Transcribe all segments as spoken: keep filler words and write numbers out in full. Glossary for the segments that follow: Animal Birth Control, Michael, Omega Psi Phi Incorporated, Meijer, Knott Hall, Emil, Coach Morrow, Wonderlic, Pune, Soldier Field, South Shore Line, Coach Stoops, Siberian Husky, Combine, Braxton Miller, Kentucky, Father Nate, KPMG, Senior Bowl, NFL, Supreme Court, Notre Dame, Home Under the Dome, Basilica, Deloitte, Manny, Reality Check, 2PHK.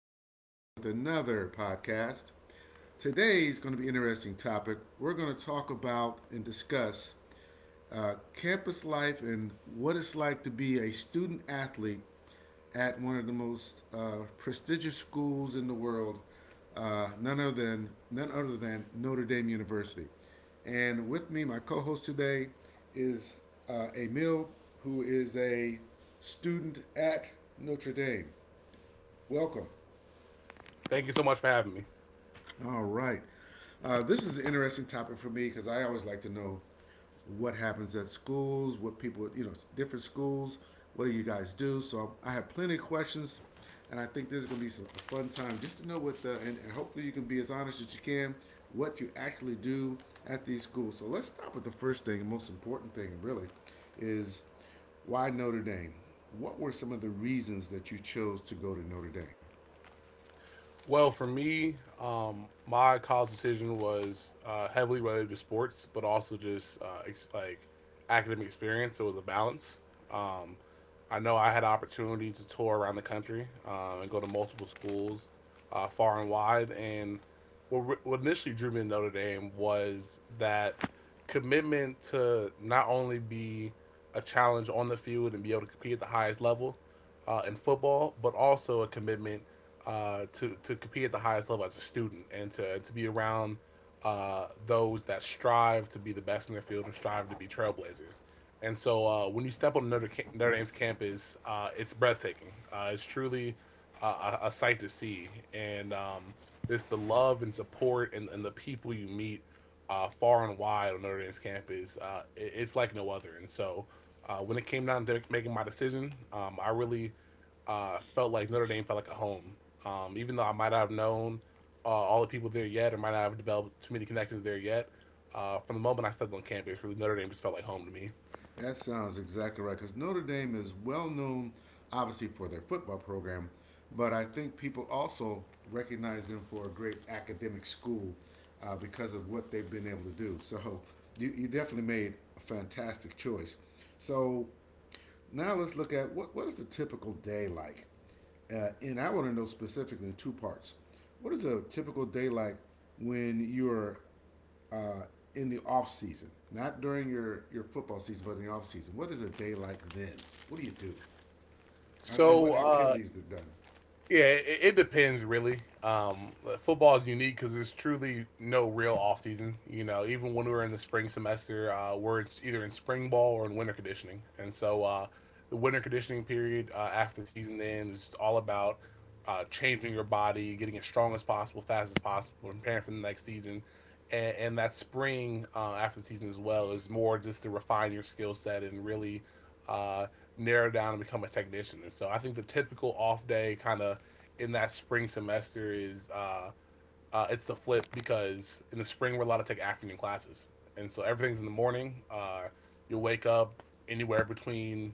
back again with another podcast. Today's going to be an interesting topic. We're going to talk about and discuss uh, campus life and what it's like to be a student athlete at one of the most uh, prestigious schools in the world, uh, none other than none other than Notre Dame University. And with me, my co-host today is uh, Emil, who is a student at Notre Dame. Welcome. Thank you so much for having me. All right. Uh, this is an interesting topic for me because I always like to know what happens at schools, what people, you know, different schools, what do you guys do? So I have plenty of questions, and I think this is going to be some, a fun time just to know what the, and, and hopefully you can be as honest as you can, what you actually do at these schools. So let's start with the first thing, and most important thing, really, is why Notre Dame? What were some of the reasons that you chose to go to Notre Dame? Well, for me, um, my college decision was uh, heavily related to sports, but also just uh, ex- like academic experience. So it was a balance. Um, I know I had opportunity to tour around the country um, and go to multiple schools, uh, far and wide. And what, re- what initially drew me to Notre Dame was that commitment to not only be a challenge on the field and be able to compete at the highest level, uh, in football, but also a commitment uh, to to compete at the highest level as a student and to to be around uh, those that strive to be the best in their field and strive to be trailblazers. And so uh, when you step on Notre, Ca- Notre Dame's campus, uh, it's breathtaking. Uh, it's truly uh, a, a sight to see, and um, it's the love and support and, and the people you meet uh, far and wide on Notre Dame's campus. Uh, it, it's like no other. And so uh, when it came down to making my decision, um, I really uh, felt like Notre Dame felt like a home. Um, even though I might not have known uh, all the people there yet, or might not have developed too many connections there yet, uh, from the moment I stepped on campus, really Notre Dame just felt like home to me. That sounds exactly right. Because Notre Dame is well known, obviously, for their football program, but I think people also recognize them for a great academic school uh, because of what they've been able to do. So you, you definitely made a fantastic choice. So now let's look at what, what is a typical day like? Uh, and I want to know specifically in two parts. What is a typical day like when you're uh, in the off season, not during your your football season, but in the off season. What is a day like then? What do you do? Uh, and what So, uh, activities are done? Yeah, it, it depends really. Um, football is unique because there's truly no real off season. You know, even when we're in the spring semester, uh, we're in, either in spring ball or in winter conditioning, and so uh, the winter conditioning period uh, after the season ends is just all about uh, changing your body, getting as strong as possible, fast as possible, preparing for the next season, and, and that spring uh, after the season as well is more just to refine your skill set and really uh, narrow down and become a technician. And so I think the typical off day kind of in that spring semester is uh, uh, it's the flip because in the spring we're allowed to take afternoon classes, and so everything's in the morning. Uh, you'll wake up anywhere between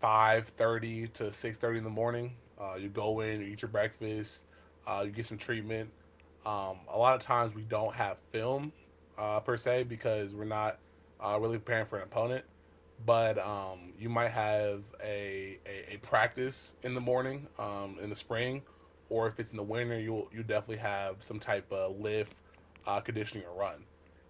five thirty to six thirty in the morning. Uh, you go in, you eat your breakfast, uh, you get some treatment. Um, a lot of times we don't have film uh, per se because we're not uh, really preparing for an opponent. But um, you might have a, a, a practice in the morning um, in the spring, or if it's in the winter, you'll you definitely have some type of lift, uh, conditioning, or run.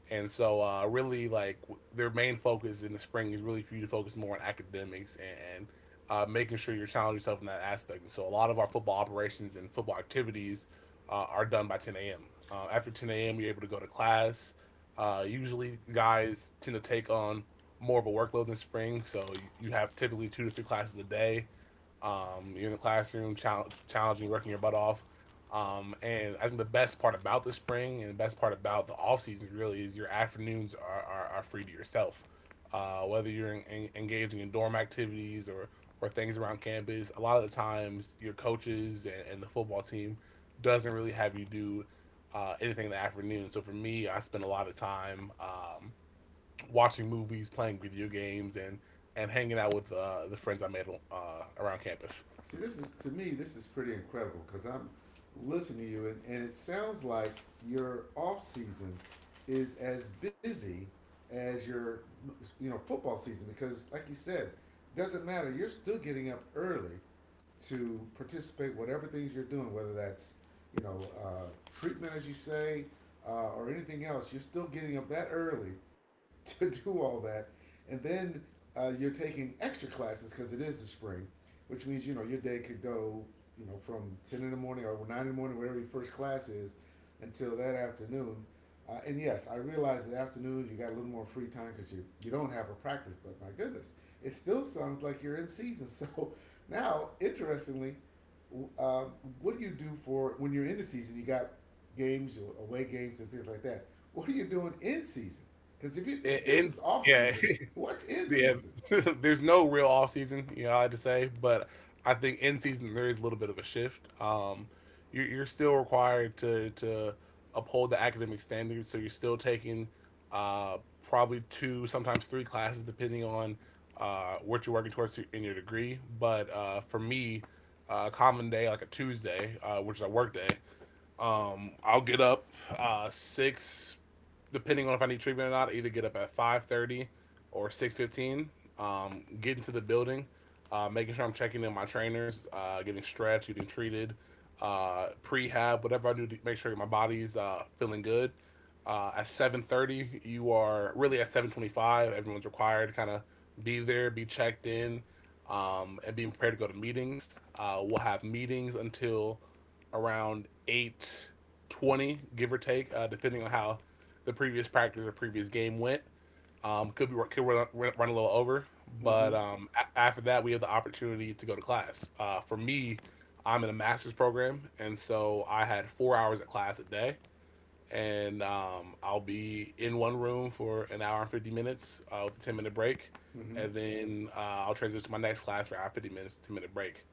And so, uh, really, like their main focus in the spring is really for you to focus more on academics and, and uh, making sure you're challenging yourself in that aspect. And so, a lot of our football operations and football activities uh, are done by ten a m. Uh, after ten a m, you're able to go to class. Uh, usually, guys tend to take on more of a workload in the spring, so you, you have typically two to three classes a day. Um, you're in the classroom, challenge, challenging, working your butt off. Um, and I think the best part about the spring and the best part about the off season really is your afternoons are, are, are free to yourself. Uh, whether you're en- en- engaging in dorm activities or, or things around campus, a lot of the times your coaches and, and the football team doesn't really have you do uh, anything in the afternoon. So for me, I spend a lot of time um, watching movies, playing video games, and and hanging out with uh, the friends I made uh, around campus. See, this is to me, this is pretty incredible because I'm listening to you, and, and it sounds like your off season is as busy as your you know football season because, like you said, doesn't matter. You're still getting up early to participate whatever things you're doing, whether that's you know uh, treatment as you say, uh, or anything else. You're still getting up that early to do all that, and then uh, you're taking extra classes because it is the spring, which means you know your day could go you know from ten in the morning or nine in the morning, whatever your first class is, until that afternoon. Uh, and yes, I realize that afternoon you got a little more free time because you, you don't have a practice, but my goodness, it still sounds like you're in season. So now, interestingly, uh, what do you do for when you're in the season? You got games, away games, and things like that. What are you doing in season? Because if, you, In, if this in is off yeah, season, what's in Yeah, season? there's no real off season, you know, I had to say, but I think in season there is a little bit of a shift. Um, you're, you're still required to to uphold the academic standards, so you're still taking uh, probably two, sometimes three classes, depending on uh, what you're working towards to, in your degree. But uh, for me, uh, common day like a Tuesday, uh, which is a work day, um, I'll get up uh, six depending on if I need treatment or not, I either get up at five thirty or six fifteen. Um, get into the building, uh, making sure I'm checking in my trainers, uh, getting stretched, getting treated, uh, prehab, whatever I do to make sure my body's uh, feeling good. Uh, at seven thirty, you are really at seven twenty-five. Everyone's required to kind of be there, be checked in, um, and being prepared to go to meetings. Uh, we'll have meetings until around eight twenty, give or take, uh, depending on how the previous practice or previous game went. Um, could be could run, run a little over, Mm-hmm. but um, a- after that we have the opportunity to go to class. Uh, for me, I'm in a master's program, and so I had four hours of class a day, and um, I'll be in one room for an hour and fifty minutes uh, with a ten minute break, Mm-hmm. and then uh, I'll transition to my next class for hour fifty minutes, ten minute break.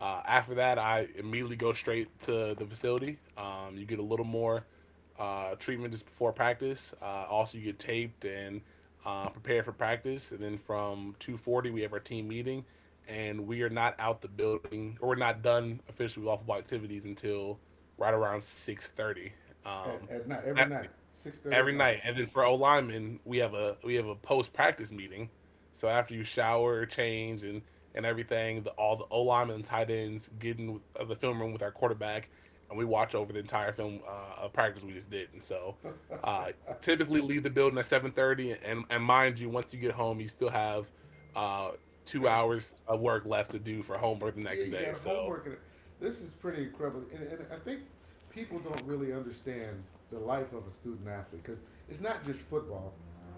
Uh, after that, I immediately go straight to the facility. Um, you get a little more uh, treatment just before practice. Uh, also, you get taped and uh, prepared for practice. And then from two forty, we have our team meeting, and we are not out the building or we're not done officially with all football activities until right around six thirty. At, Um, at night, every night, six thirty at every night. night. And then for O linemen, we have a we have a post practice meeting. So after you shower, change, and and everything, the, all the O linemen and tight ends get in uh, the film room with our quarterback, and we watch over the entire film uh, of practice we just did. And so, uh, typically leave the building at seven thirty, and and mind you, once you get home, you still have uh, You two gotta, hours of work left to do for homework the yeah, next you day. got So homework. In it. This is pretty incredible, and, and I think people don't really understand the life of a student athlete because it's not just football;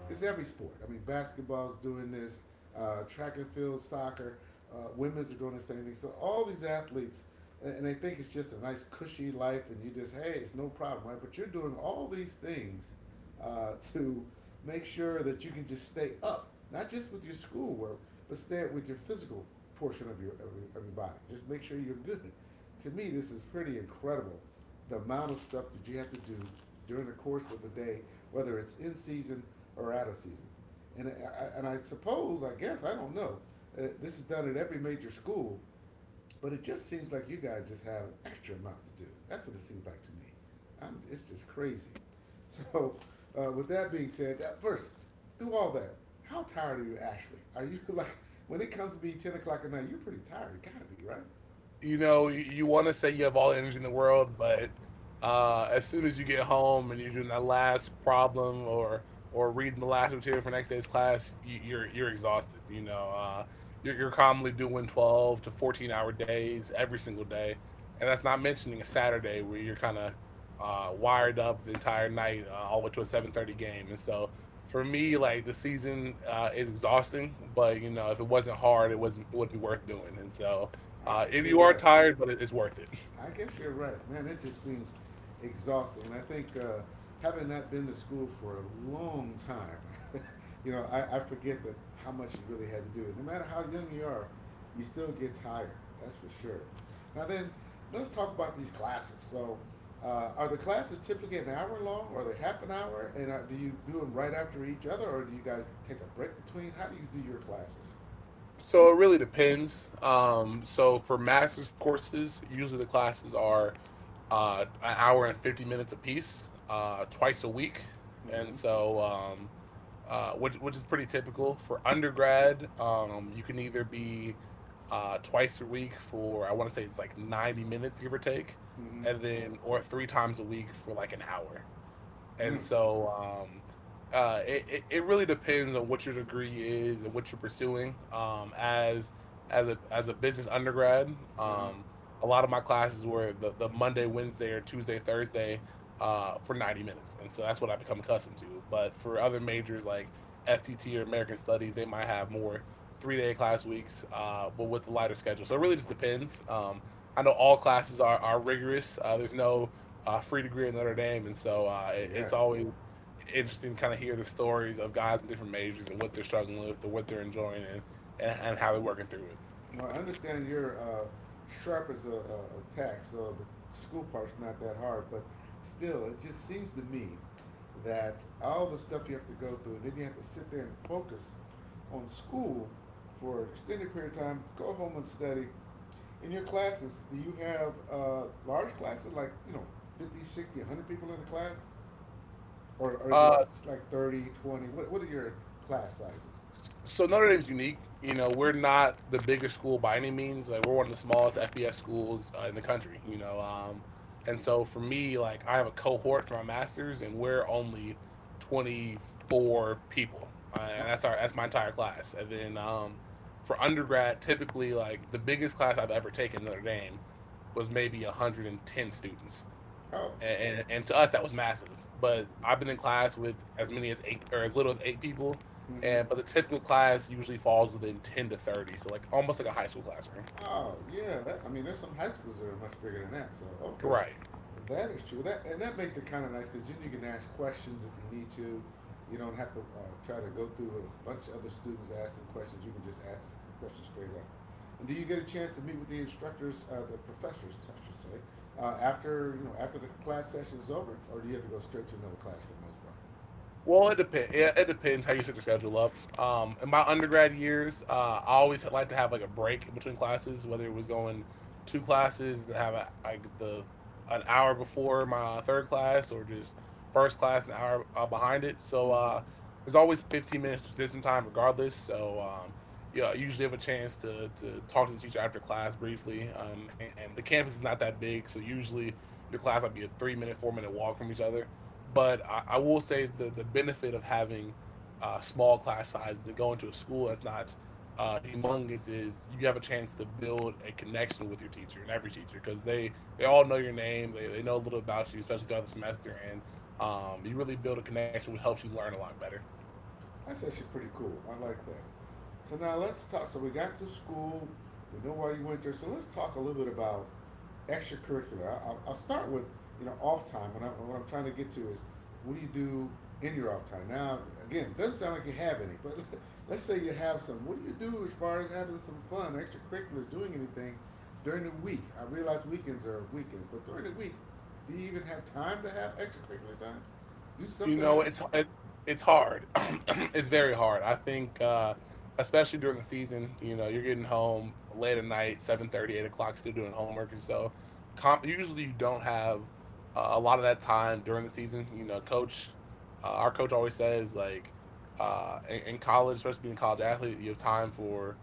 it's every sport. I mean, basketball's doing this, uh, track and field, soccer, uh, women's are doing the same thing. So all these athletes, and they think it's just a nice cushy life, and you just hey, it's no problem, right? But you're doing all these things uh, to make sure that you can just stay up, not just with your schoolwork, but stay up with your physical portion of your, of your of your body. Just make sure you're good. To me, this is pretty incredible, the amount of stuff that you have to do during the course of a day, whether it's in season or out of season. And I, and I suppose, I guess, I don't know. Uh, this is done at every major school but it just seems like you guys just have an extra amount to do. That's what it seems like to me. I'm, it's just crazy. So, uh, with that being said, uh, first, through all that, how tired are you actually? Are you like, when it comes to be ten o'clock at night, you're pretty tired. You gotta be, right? you know, you, you want to say you have all the energy in the world, but uh, as soon as you get home and you're doing that last problem or or reading the last material for next day's class, you, you're you're exhausted. You know, uh, you're, you're commonly doing twelve to fourteen hour days every single day, and that's not mentioning a Saturday where you're kind of uh, wired up the entire night, uh, all the way to a seven thirty game. And so, for me, like the season uh, is exhausting, but you know, if it wasn't hard, it wasn't it would be worth doing. And so I uh, guess if you're you are right. tired, but it's worth it. I guess you're right, man. It just seems exhausting, and I think uh, having not been to school for a long time, you know, I, I forget that how much you really had to do. No matter how young you are, you still get tired. That's for sure. Now then, let's talk about these classes. So, uh, are the classes typically an hour long, or are they half an hour? And are, do you do them right after each other, or do you guys take a break between? How do you do your classes? So it really depends. Um, so for master's courses, usually the classes are uh, an hour and fifty minutes apiece, uh, twice a week. And Mm-hmm. so, um, uh, which, which is pretty typical. For undergrad, um, you can either be uh, twice a week for, I want to say it's like ninety minutes, give or take, Mm-hmm. and then, or three times a week for like an hour. And Mm. so um, uh, it, it it really depends on what your degree is and what you're pursuing. Um, as as a as a business undergrad, Uh huh. um, a lot of my classes were the, the Monday, Wednesday, or Tuesday, Thursday uh, for ninety minutes, and so that's what I become accustomed to. But for other majors like F T T or American Studies, they might have more three day class weeks, uh, but with the lighter schedule. So it really just depends. Um, I know all classes are, are rigorous. Uh, there's no uh, free degree at Notre Dame, and so uh, it, it's Yeah. always interesting to kind of hear the stories of guys in different majors and what they're struggling with, or what they're enjoying, and and, and how they're working through it. Now, I understand you're uh, sharp as a, a, tack, so the school part's not that hard. But still, it just seems to me that all the stuff you have to go through, then you have to sit there and focus on school for an extended period of time. Go home and study. In your classes, do you have uh, large classes like you know fifty, sixty, a hundred people in the class, or, or is it Uh, like thirty, twenty? What What are your class sizes? so Notre Dame's unique. You know, we're not the biggest school by any means. Like we're one of the smallest F B S schools uh, in the country. You know, um, and so for me, like I have a cohort for my masters, and we're only twenty four people, uh, Oh, and that's our that's my entire class. And then um, for undergrad, typically like the biggest class I've ever taken at Notre Dame was maybe one hundred and ten students oh, and, and, and to us that was massive. But I've been in class with as many as eight or as little as eight people, mm-hmm. and but the typical class usually falls within ten to thirty, so like almost like a high school classroom. Oh yeah, that, I mean, there's some high schools that are much bigger than that. So okay, Right. that is true. That and that makes it kind of nice because then you can ask questions if you need to. You don't have to uh, try to go through a bunch of other students asking questions. You can just ask questions straight up. And do you get a chance to meet with the instructors, uh, the professors, I should say, uh, after you know after the class session is over, or do you have to go straight to another class for the most part? Well, it depends. Yeah, it depends how you set your schedule up. Um, in my undergrad years, uh, I always had- like to have like a break in between classes, whether it was going two classes and have a, like the an hour before my third class, or just first class an hour uh, behind it. So Mm-hmm. uh, there's always fifteen minutes transition time, regardless. So um, yeah, I usually have a chance to to talk to the teacher after class briefly. Um, and, and the campus is not that big, so usually your class might be a three minute, four minute walk from each other. But I, I will say the the benefit of having uh, small class sizes and going to a school that's not uh, humongous is you have a chance to build a connection with your teacher and every teacher because they they all know your name, they, they know a little about you, especially throughout the semester. And um, You really build a connection which helps you learn a lot better. That's actually pretty cool. I like that. So now let's talk. So we got to school. We know why you went there. So let's talk a little bit about extracurricular. I- I'll, I'll start with you know off time. What I'm what I'm trying to get to is what do you do in your off time? Now again, it doesn't sound like you have any, but let's say you have some. What do you do as far as having some fun, extracurriculars, doing anything during the week? I realize weekends are weekends, but during the week, do you even have time to have extracurricular time? Do You something know, it's else. it, it's hard. It's very hard. I think, uh, especially during the season, you know, you're getting home late at night, seven thirty, eight o'clock, still doing homework, and so comp, usually you don't have uh, a lot of that time during the season. You know, coach, uh, our coach always says, like, uh, in, in college, especially being a college athlete, you have time for.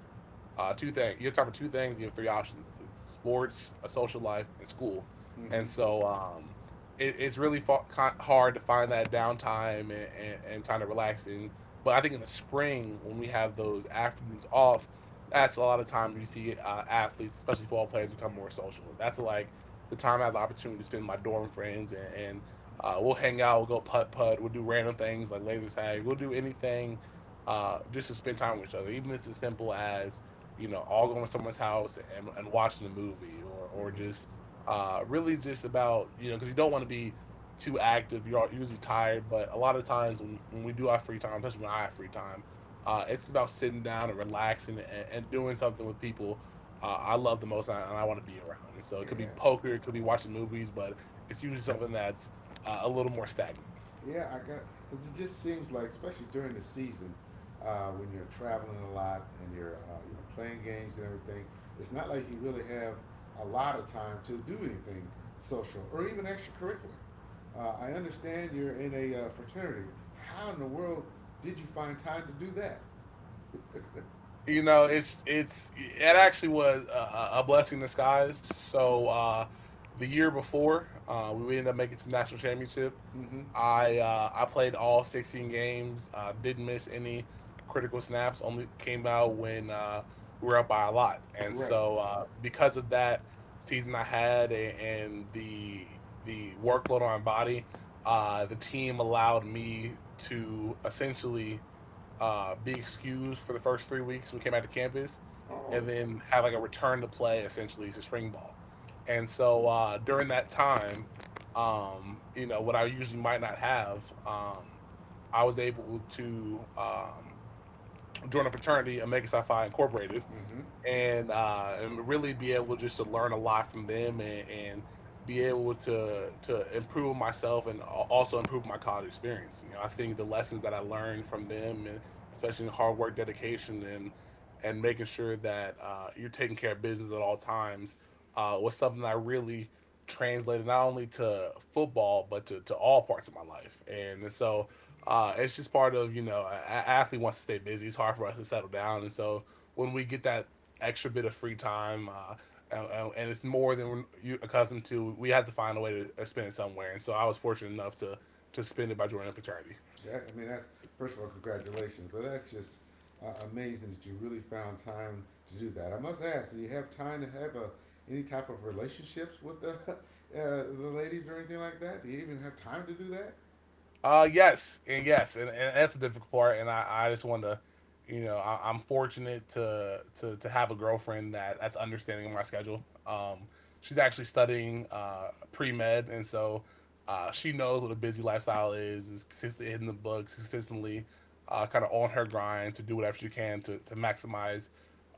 Uh, two things. You have time for two things. You have three options: it's sports, a social life, and school. Mm-hmm. And so um, it, it's really fa- ki hard to find that downtime and, and, and time to relax. And But I think in the spring when we have those afternoons off, that's a lot of time. You see uh, athletes, especially football players, become more social. That's like the time I have the opportunity to spend with my dorm friends and. and uh, we'll hang out, we'll go putt putt, we'll do random things like laser tag, we'll do anything uh, just to spend time with each other. Even if it's as simple as, you know, all going to someone's house and, and watching a movie, or, or Hmm. just uh, really just about, you know, because you don't want to be too active. You're usually tired, but a lot of times when, when we do have free time, especially when I have free time, uh, it's about sitting down and relaxing and, and doing something with people uh, I love the most, and I, and I want to be around. So it Yeah, could be poker, it could be watching movies, but it's usually something that's uh, a little more stagnant. yeah, I got because it just seems like, especially during the season, uh, when you're traveling a lot and you're uh, you know playing games and everything, it's not like you really have a lot of time to do anything social or even extracurricular. Uh, I understand you're in a uh, fraternity. How in the world did you find time to do that? You know, it's it's it actually was a, a blessing in disguise, so uh the year before uh we ended up making it to the national championship. Mm-hmm. I uh i played all sixteen games, uh didn't miss any critical snaps, only came out when uh we were up by a lot. And Right. so uh because of that season, I had a- and the the workload on my body, uh the team allowed me to essentially uh, be excused for the first three weeks we came out to campus, Oh. and then have like a return to play essentially to spring ball. And so uh, during that time, um, you know, what I usually might not have, um, I was able to um, join a fraternity, Omega Psi Phi Incorporated, Mm-hmm. and uh, and really be able just to learn a lot from them, and, and be able to to improve myself, and al- also improve my college experience. You know, I think the lessons that I learned from them, and especially in hard work, dedication, and and making sure that uh, you're taking care of business at all times, uh, was something that I really translated not only to football but to, to all parts of my life. And so uh, it's just part of, you know, a, athlete wants to stay busy. It's hard for us to settle down, and so when we get that extra bit of free time, uh, and, and it's more than we're you- accustomed to. We had to find a way to uh, spend it somewhere, and so I was fortunate enough to to spend it by joining a fraternity. Yeah, I mean, that's first of all, congratulations. But that's just uh, amazing that you really found time to do that. I must ask, do you have time to have a any type of relationships with the uh, the ladies or anything like that? Do you even have time to do that? Uh, yes, and yes, and, and that's a difficult part. And I, I just want to, you know, I, I'm fortunate to, to to have a girlfriend that that's understanding of my schedule. Um, she's actually studying uh pre med, and so uh, she knows what a busy lifestyle is. Is consistent in the books, consistently, uh, kind of on her grind to do whatever she can to to maximize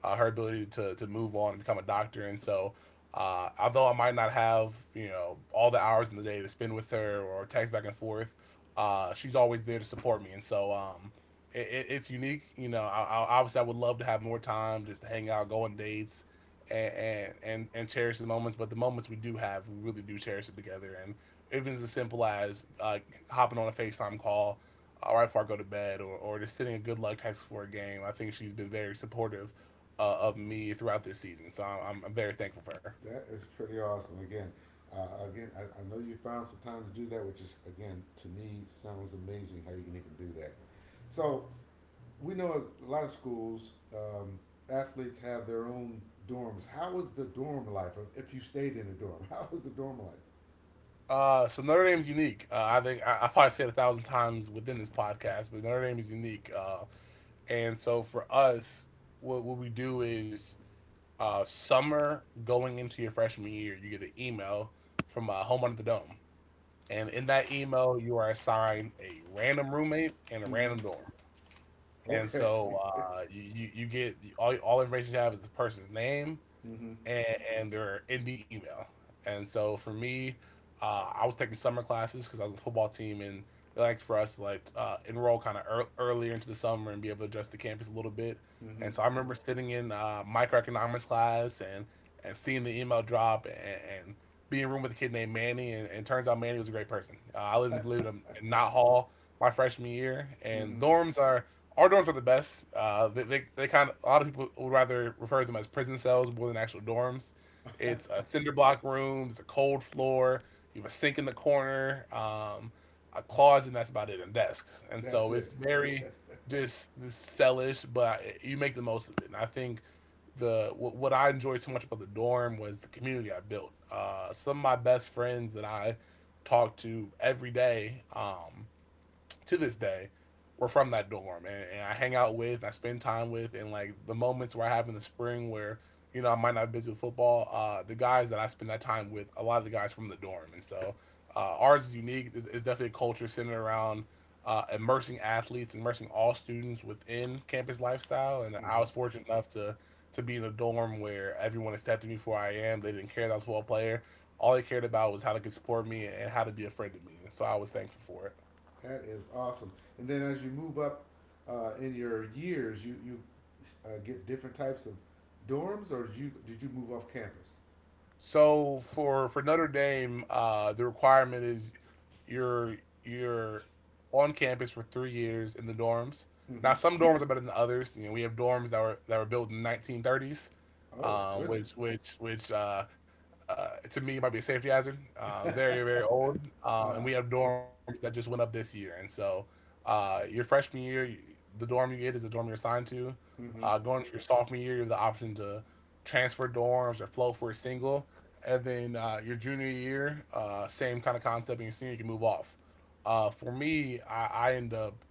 uh, her ability to to move on and become a doctor. And so, uh, although I might not have, you know, all the hours in the day to spend with her or text back and forth, uh, she's always there to support me, and so um, it, it, it's unique. You know, I, I, obviously I would love to have more time just to hang out, go on dates, and, and and and cherish the moments. But the moments we do have, we really do cherish it together. And even as simple as uh, hopping on a Facetime call uh, right before I go to bed, or or just sending a good luck text for a game. I think she's been very supportive uh, of me throughout this season, so I'm, I'm very thankful for her. That is pretty awesome. Again, uh, again, I, I know you found some time to do that, which is again to me sounds amazing how you can even do that. So we know a lot of schools, um, athletes have their own dorms. How was the dorm life? If you stayed in a dorm, how was the dorm life? Uh, so Notre Dame is unique. Uh, I think I, I probably said it a thousand times within this podcast, but Notre Dame is unique. Uh, and so for us, what, what we do is, uh, summer going into your freshman year, you get an email from, uh, Home Under the Dome, and in that email, you are assigned a random roommate and a Mm-hmm. random dorm. And Okay. so uh, you, you you get all all information you have is the person's name, Mm-hmm. and, and they're in the email. And so for me, uh, I was taking summer classes because I was on the football team, and it liked for us to like uh, enroll kind of ear earlier into the summer and be able to adjust the campus a little bit. Mm-hmm. And so I remember sitting in uh, microeconomics class, and and seeing the email drop, and, and being in a room with a kid named Manny, and, and turns out Manny was a great person. Uh, I lived, lived in, in Knott Hall my freshman year, and Mm-hmm. dorms are our dorms are the best. Uh, they, they, they kind of a lot of people would rather refer to them as prison cells more than actual dorms. It's a cinder block room. It's a cold floor. You have a sink in the corner, um, a closet, and that's about it, and desks. And That's so it's it. very just this cellish, but I- you make the most of it. And I think the what, what I enjoyed so much about the dorm was the community I built. Uh, some of my best friends that I talk to every day. Um, to this day, were from that dorm, and, and I hang out with, and I spend time with, and like the moments where I have in the spring where, you know, I might not be busy with football, uh, the guys that I spend that time with, a lot of the guys from the dorm. And so uh, ours is unique. It's, it's definitely a culture centered around uh, immersing athletes, immersing all students within campus lifestyle, and I Mm-hmm. was fortunate enough to to be in a dorm where everyone accepted me for who I am. They didn't care that I was a football player. All they cared about was how they could support me and how to be a friend to me. And so I was thankful for it. That is awesome. And then as you move up uh, in your years, you you uh, get different types of dorms, or did you did you move off campus? So for for Notre Dame, uh, the requirement is you're you're on campus for three years in the dorms. Now Mm-hmm. some dorms are better than others. You know, we have dorms that were that were built in the nineteen thirties, Oh um, which goodness. which which uh, uh, to me might be a safety hazard. Uh, very very Uh old, uh, and huh. we have dorms that just went up this year. And so uh, your freshman year, you- the dorm you get is the dorm you're assigned to. Mm-hmm. Uh, going to your sophomore year, you have the option to transfer dorms or float for a single, and then uh, your junior year, uh, same kind of concept, and your senior you can move off. Uh, for me, I, I end up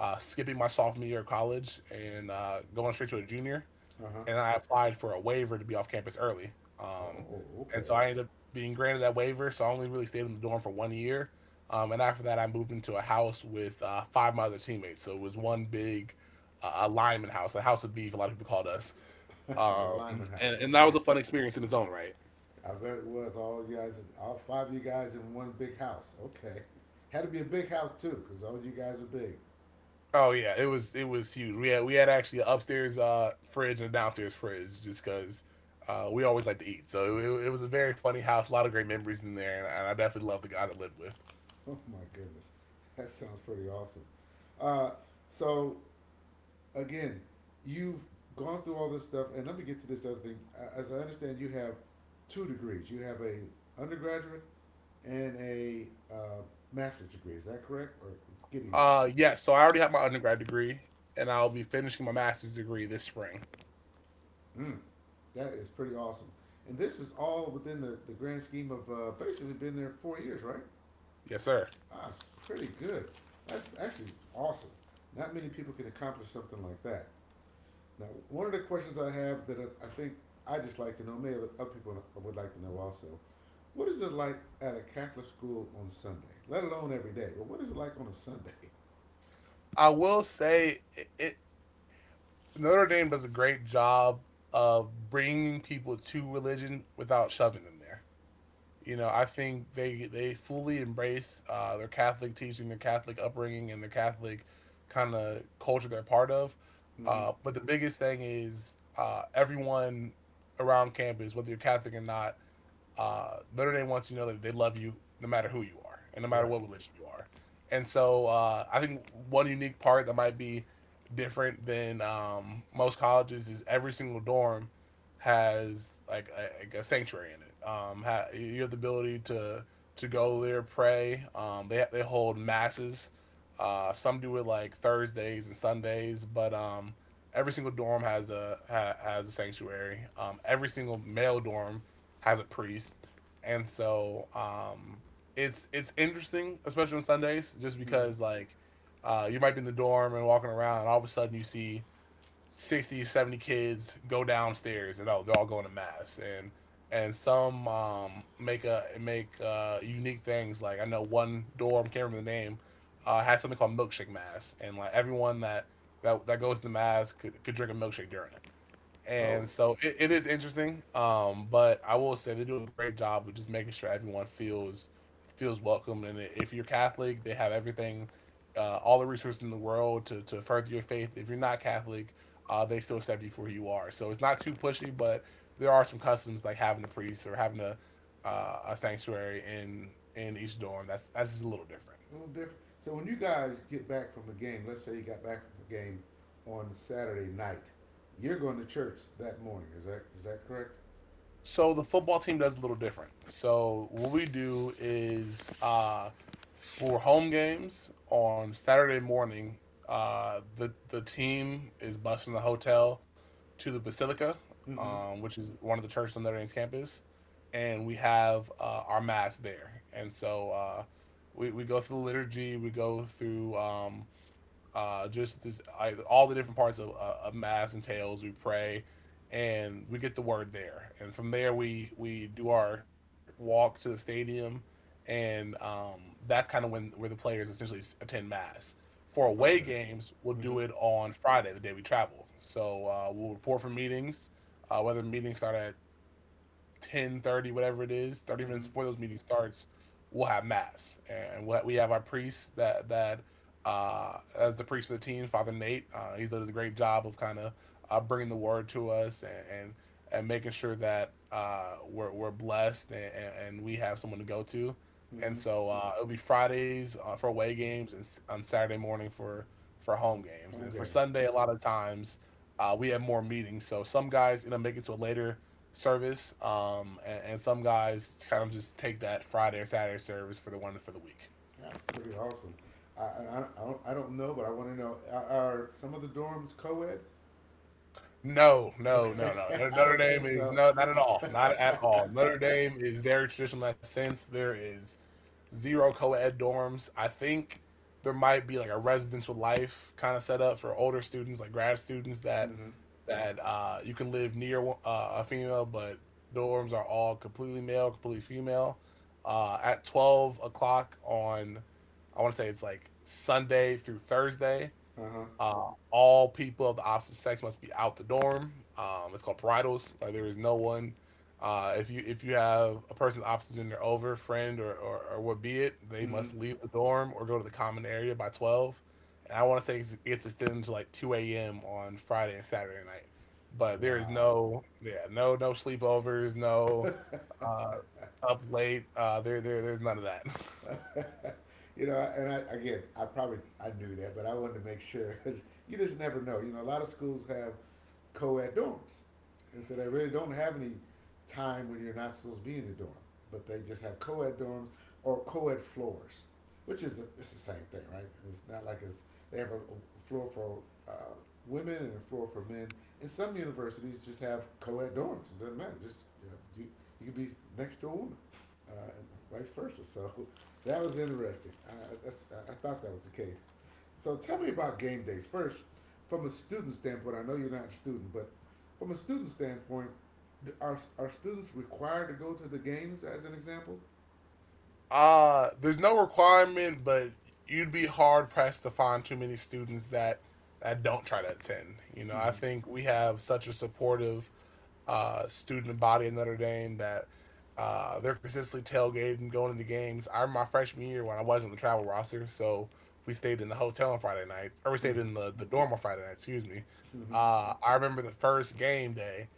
uh, skipping my sophomore year of college and uh, going straight to a junior, Uh huh. and I applied for a waiver to be off campus early. Oh, Um, oh, and okay. so I ended up being granted that waiver, so I only really stayed in the dorm for one year. Um, and after that, I moved into a house with uh, five of my other teammates. So it was one big uh, alignment house, a house of beef, a lot of people called us. The Um, Lyman and, house. and that was Okay. a fun experience in its own right. I bet it was all you guys, all five of you guys in one big house. Okay. Had to be a big house too, because all you guys are big. Oh yeah, it was it was huge. We had we had actually an upstairs uh, fridge and a downstairs fridge just because uh, we always like to eat. So it, it was a very funny house. A lot of great memories in there, and I definitely love the guy that lived with. Oh my goodness. That sounds pretty awesome. Uh, so, again, you've gone through all this stuff, and let me get to this other thing. As I understand, you have two degrees. You have a undergraduate and a uh, master's degree. Is that correct? Or getting that? Uh, yeah. So I already have my undergrad degree, and I'll be finishing my master's degree this spring. Mm, that is pretty awesome. And this is all within the, the grand scheme of uh, basically been there four years, right? Yes, sir. Ah, it's pretty good. That's actually awesome. Not many people can accomplish something like that. Now, one of the questions I have that I, I think I just like to know, maybe other people would like to know also, what is it like at a Catholic school on Sunday? Let alone every day, but what is it like on a Sunday? I will say it, it Notre Dame does a great job of bringing people to religion without shoving them there. You know, I think they they fully embrace uh, their Catholic teaching, their Catholic upbringing, and their Catholic kind of culture they're part of. Mm-hmm. Uh, but the biggest thing is uh, everyone around campus, whether you're Catholic or not, uh, Notre Dame wants you to know that they love you no matter who you are and no matter Right. what religion you are. And so uh, I think one unique part that might be different than um, most colleges is every single dorm has like a, like a sanctuary in it. Um, ha- you have the ability to to go there, pray. Um, they they hold masses. Uh, some do it like Thursdays and Sundays, but um, every single dorm has a ha, has a sanctuary. Um, every single male dorm has a priest, and so um, it's it's interesting, especially on Sundays, just Mm-hmm. because like uh, you might be in the dorm and walking around, and all of a sudden you see sixty, seventy kids go downstairs, and oh, they're all going to mass, and and some um, make a make uh, unique things. Like I know one dorm, can't remember the name, uh, had something called milkshake mass, and like everyone that that, that goes to mass could, could drink a milkshake during it. Oh, And so it, it is interesting, um but I will say they do a great job of just making sure everyone feels feels welcome. And if you're Catholic they have everything, uh, all the resources in the world to, to further your faith. If you're not Catholic uh, they still accept you for who you are, so it's not too pushy, but there are some customs like having a priest or having a uh, a sanctuary in in each dorm that's that's just a little different. a little different. So when you guys get back from a game, let's say you got back from a game on Saturday night, you're going to church that morning. Is that is that correct? So the football team does a little different. So what we do is uh, for home games on Saturday morning, uh, the the team is busing the hotel to the Basilica, Mm-hmm. um, which is one of the churches on Notre Dame's campus, and we have uh, our mass there. And so uh, we we go through the liturgy, we go through. Um, uh, just this, I, all the different parts of, uh, of mass and tails. We pray, and we get the word there, and from there we we do our walk to the stadium, and um, that's kind of when where the players essentially attend mass. For away Okay. games, we'll do Mhm. it on Friday, the day we travel. So uh, we'll report from meetings, uh, whether meetings start at Ten thirty, whatever it is, thirty Mhm. minutes before those meetings starts we'll have mass, and we'll, have, we have our priests that that uh as the priest of the team, Father Nate, uh he does a great job of kind of uh, bringing the word to us and and, and making sure that uh we're, we're blessed, and, and and we have someone to go to. And Mhm. so uh it'll be Fridays uh, for away games, and s- on Saturday morning for for home games, Home and for games. Sunday a lot of times uh, we have more meetings. So some guys end up making to it later service, um, and, and some guys kind of just take that Friday or Saturday service for the one for the week. That's pretty awesome. I I, I don't- I don't know, but I want to know are, are some of the dorms co-ed? No, no, Okay, no, no. Notre I Notre didn't Dame think is so. no, not at all, not at all. Notre Dame is very traditional in that sense. There is zero co-ed dorms. I think there might be like a residential life kind of setup for older students, like grad students that Mhm. that uh, you can live near uh, a female, but dorms are all completely male, completely female. Uh, at twelve o'clock on, I want to say it's like Sunday through Thursday. Uh huh. Uh, all people of the opposite sex must be out the dorm. Um, it's called parietals. Like there is no one. Uh, if you if you have a person opposite gender over, friend or, or or what be it, they Mhm. must leave the dorm or go to the common area by twelve. And I want to say it's, it's extended to like two a m on Friday and Saturday night. But there is Wow. no, yeah, no, no sleepovers, no uh, up late. Uh, there there there's none of that. you know, and I again, I probably I knew that, but I wanted to make sure because you just never know. You know, a lot of schools have co-ed dorms, and so they really don't have any time when you're not supposed to be in the dorm, but they just have co-ed dorms or co-ed floors, which is the, it's the same thing, right? It's not like it's they have a, a floor for uh, women and a floor for men. And some universities just have co-ed dorms. It doesn't matter. Just uh, You you could be next to a woman uh, and vice versa. So that was interesting. I, that's, I thought that was the case. So tell me about game days first, from a student standpoint. I know you're not a student, but from a student standpoint, d- are are students required to go to the games? As an example. Uh, there's no requirement, but you'd be hard pressed to find too many students that that don't try to attend. You know, I Mm-hmm. think we have such a supportive uh, student body at Notre Dame that uh, they're consistently tailgating, going into games. I remember my freshman year when I wasn't on the travel roster, so we stayed in the hotel on Friday night, or we stayed Mm-hmm. in the, the dorm on Friday night, excuse me. Mm-hmm. Uh, I remember the first game day,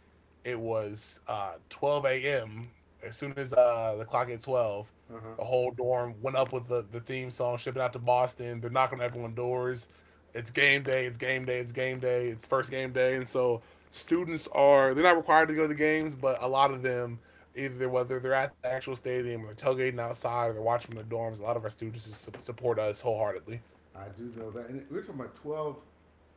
it was uh, twelve a m. As soon as uh, the clock hit twelve, Uh huh. the whole dorm went up with the, the theme song, shipping out to Boston. They're knocking on everyone's doors. It's game day, it's game day, it's game day, it's first game day. And so students are they're not required to go to the games, but a lot of them, either whether they're at the actual stadium or tailgating outside or they're watching from the dorms, a lot of our students just support us wholeheartedly. I do know that, and we're talking about twelve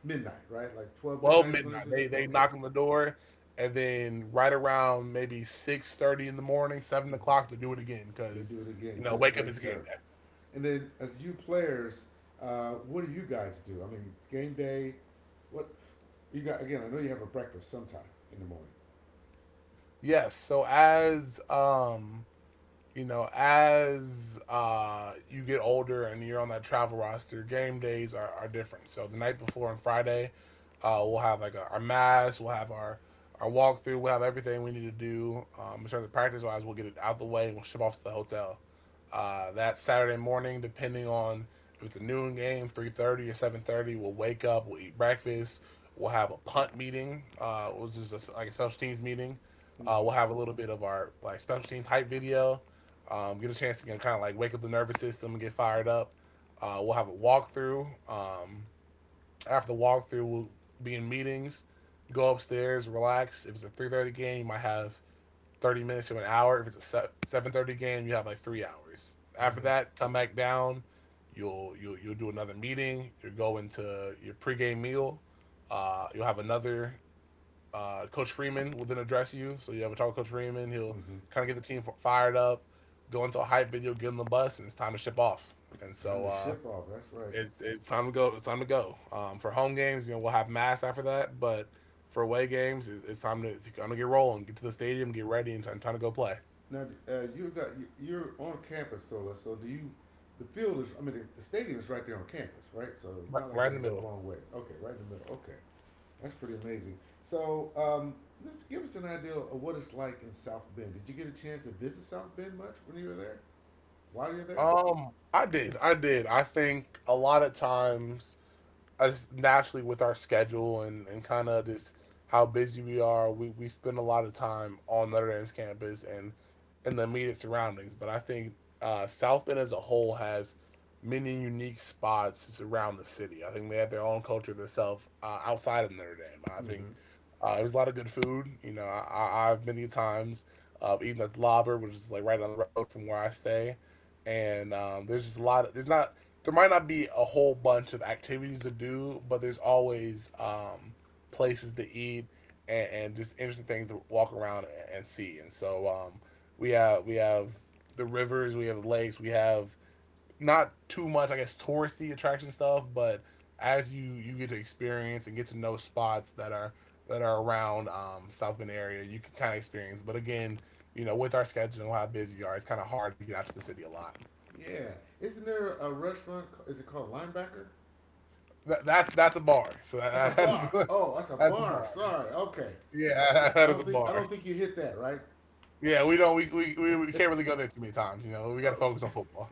midnight, right? Like twelve Twelve midnight is when they midnight, do they that. they Okay. knock on the door, and then right around maybe six thirty in the morning, seven Mm-hmm. o'clock, they do it again They because do it again you know, just to wake up make at the game sure. day. And then as you players, uh, what do you guys do? I mean, game day, what you got? Again, I know you have a breakfast sometime in the morning. Yes, so as um you know, as uh, you get older and you're on that travel roster, game days are, are different. So the night before on Friday, uh, we'll have like our our mass, we'll have our our walkthrough, we'll have everything we need to do um, in terms of practice wise. We'll get it out of the way and we'll ship off to the hotel. Uh, that Saturday morning, depending on if it's a noon game, three thirty or seven thirty, we'll wake up, we'll eat breakfast, we'll have a punt meeting, uh, which is a, like a special teams meeting. Uh, Mm-hmm. we'll have a little bit of our like special teams hype video. Um, get a chance to kind of like wake up the nervous system and get fired up. Uh, we'll have a walkthrough. Um, after the walkthrough, we'll be in meetings. Go upstairs, relax. If it's a three thirty game, you might have thirty minutes to an hour. If it's a seven thirty game, you have like three hours. After Mm-hmm. that, come back down. You'll you'll you'll do another meeting. You'll go into your pregame meal. Uh, you'll have another uh, Coach Freeman will then address you. So you have a talk with Coach Freeman. He'll Mm-hmm. kind of get the team fired up, go into a hype video, get on the bus, and it's time to ship off. And Trying so to uh, ship off. That's right. it's it's time to go. It's time to go. Um, for home games, you know, we'll have mass after that, but for away games, it, it's time to kind of get rolling, get to the stadium, get ready, and time, time to go play. Now uh, you got you- are on campus, Sola. So do you? The field is. I mean, the the stadium is right there on campus, right? So it's Right, not like right you in had the to go a middle. long ways. Okay, right in the middle. Okay, that's pretty amazing. So um, let's give us an idea of what it's like in South Bend. Did you get a chance to visit South Bend much when you were there? While you're there? Um, I did. I did. I think a lot of times, as naturally with our schedule and, and kind of just how busy we are, we, we spend a lot of time on Notre Dame's campus and in the immediate surroundings. But I think uh, South Bend as a whole has many unique spots just around the city. I think they have their own culture themselves uh, outside of Notre Dame. I think Mm-hmm. uh, there's a lot of good food. You know, I, I, I've many times uh, eaten at the Lobber, which is like right down the road from where I stay. And um, there's just a lot. There's not there might not be a whole bunch of activities to do, but there's always um, places to eat and, and just interesting things to walk around and see. And so um, we have we have the rivers, we have lakes, we have not too much, I guess, touristy attraction stuff, but as you you get to experience and get to know spots that are that are around um, South Bend area, you can kind of experience. But again, you know, with our schedule and how busy you are, it's kind of hard to get out to the city a lot. Yeah. Isn't there a restaurant? Is it called Linebacker? That, that's that's a bar. So That's a that, that is bar. a Oh, that's a that's a bar. bar. Sorry. Okay. I, Yeah, I, that I is a don't think I bar. don't think you hit that right. Yeah, we don't we, we, we we can't really go there too many times. You know, we got to Oh, focus on football.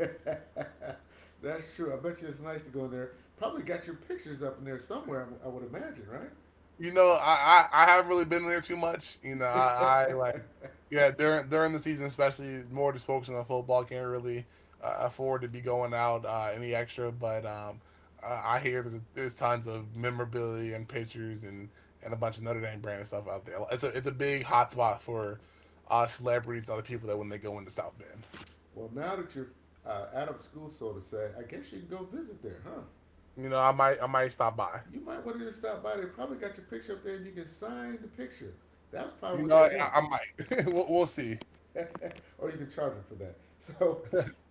that's true. I bet you it's nice to go in there. Probably got your pictures up in there somewhere. I, w- I would imagine, right? You know, I, I I haven't really been there too much. You know, I, I like yeah during during the season, especially more just focusing on football. Can't really uh, afford to be going out uh, any extra, but um, uh, I hear there's there's tons of memorabilia and pictures and and a bunch of Notre Dame brand stuff out there. It's a it's a big hot spot for uh, celebrities and other people that when they go into South Bend. Well, now that you're uh, out of school, so to say, I guess you can go visit there, huh? You know, I might I might stop by. You might want to just stop by. They probably got your picture up there, and you can sign the picture. That's probably You what know, they I, want. I might. we'll, we'll see. Or you can charge them for that. So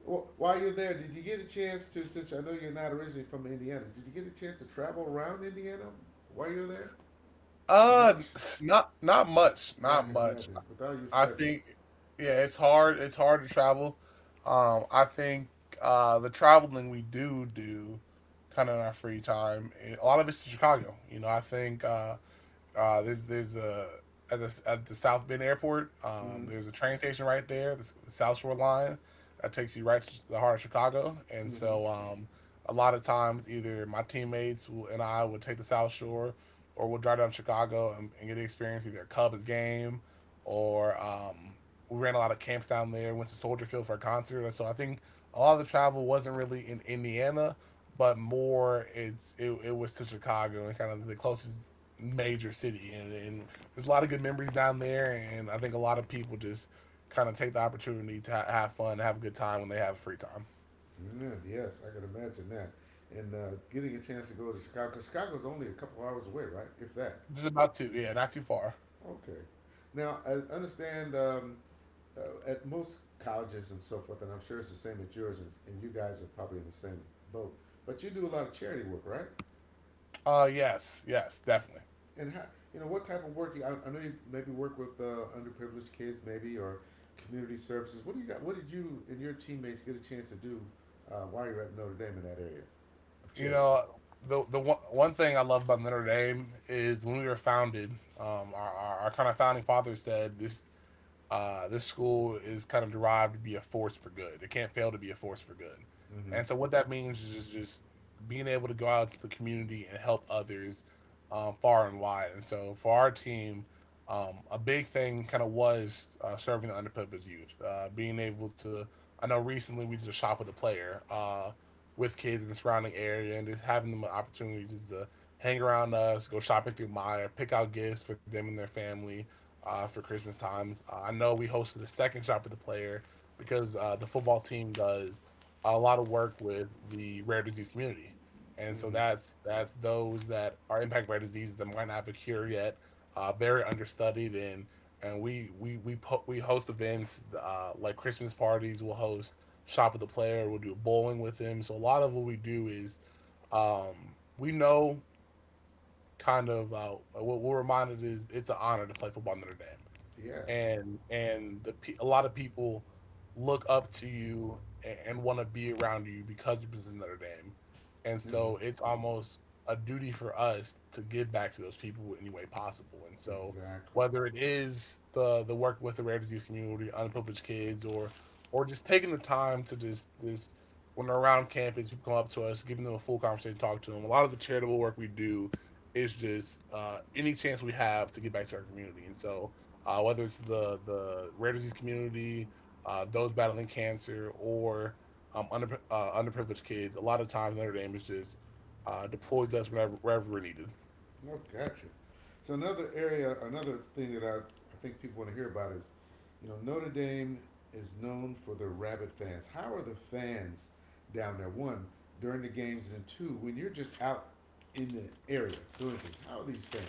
while you're there, did you get a chance to, since I know you're not originally from Indiana, did you get a chance to travel around Indiana while you're there? Uh, Much? not not much, Yeah, not I can much. imagine. Without your I schedule. think, yeah, it's hard. It's hard to travel. Um, I think uh, the traveling we do do, kind of in our free time, eh, a lot of it's to Chicago. You know, I think uh, uh, there's there's a at the, at the South Bend Airport. Um, Mm-hmm. There's a train station right there, the, S- the South Shore Line, that takes you right to the heart of Chicago. And Mm-hmm. so, um, a lot of times, either my teammates will, and I would take the South Shore, or we'll drive down to Chicago and, and get to experience either a Cubs game, or um, we ran a lot of camps down there. Went to Soldier Field for a concert. And so I think a lot of the travel wasn't really in Indiana, but more it's it, it was to Chicago and kind of the closest major city, and, and there's a lot of good memories down there. And I think a lot of people just kind of take the opportunity to ha- have fun, have a good time when they have free time. Yeah, yes, I can imagine that. And uh, getting a chance to go to Chicago, Chicago, 'cause Chicago's only a couple hours away, right? If that. Just about to, yeah, not too far. Okay. Now, I understand um, uh, at most colleges and so forth, and I'm sure it's the same at yours, and and you guys are probably in the same boat. But you do a lot of charity work, right? Uh, yes, yes, definitely. And how you know what type of work? do You, I, I know you maybe work with uh, underprivileged kids, maybe or community services. What do you got? What did you and your teammates get a chance to do uh, while you're at Notre Dame in that area of You charity? know, the the one, one thing I love about Notre Dame is when we were founded, um, our, our, our kind of founding father said this uh, this school is kind of derived to be a force for good. It can't fail to be a force for good. Mm-hmm. And so what that means is just, just being able to go out to the community and help others um, far and wide. And so for our team, um, a big thing kind of was uh, serving the underprivileged youth, uh, being able to. I know recently we did a shop with a player uh, with kids in the surrounding area and just having them an opportunity just to hang around us, go shopping through Meijer, pick out gifts for them and their family, uh, for Christmas times. Uh, I know we hosted a second shop with the player because uh, the football team does a lot of work with the rare disease community, and so Mm-hmm. that's that's those that are impacted by diseases that might not have a cure yet, uh, very understudied, and and we we we po- we host events uh, like Christmas parties. We'll host shop with the player. We'll do bowling with them. So a lot of what we do is um, we know kind of uh, what we're reminded is it's an honor to play football in Notre Dame Yeah. and and the pe- a lot of people look up to you and, and want to be around you because you're presenting Notre Dame, and Mm-hmm. so it's almost a duty for us to give back to those people in any way possible. And so Exactly. whether it is the the work with the rare disease community, underprivileged kids, or or just taking the time to just this when they're around campus, people come up to us, giving them a full conversation, talk to them. A lot of the charitable work we do is just uh, any chance we have to get back to our community, and so uh, whether it's the the rare disease community, uh, those battling cancer, or um, under, uh, underprivileged kids. A lot of times Notre Dame is just uh, deploys us whenever wherever we're needed. Oh, gotcha. So another area, another thing that I, I think people want to hear about is, you know, Notre Dame is known for their rabid fans. How are the fans down there? One during the games, and then two when you're just out in the area doing things. How are these fans?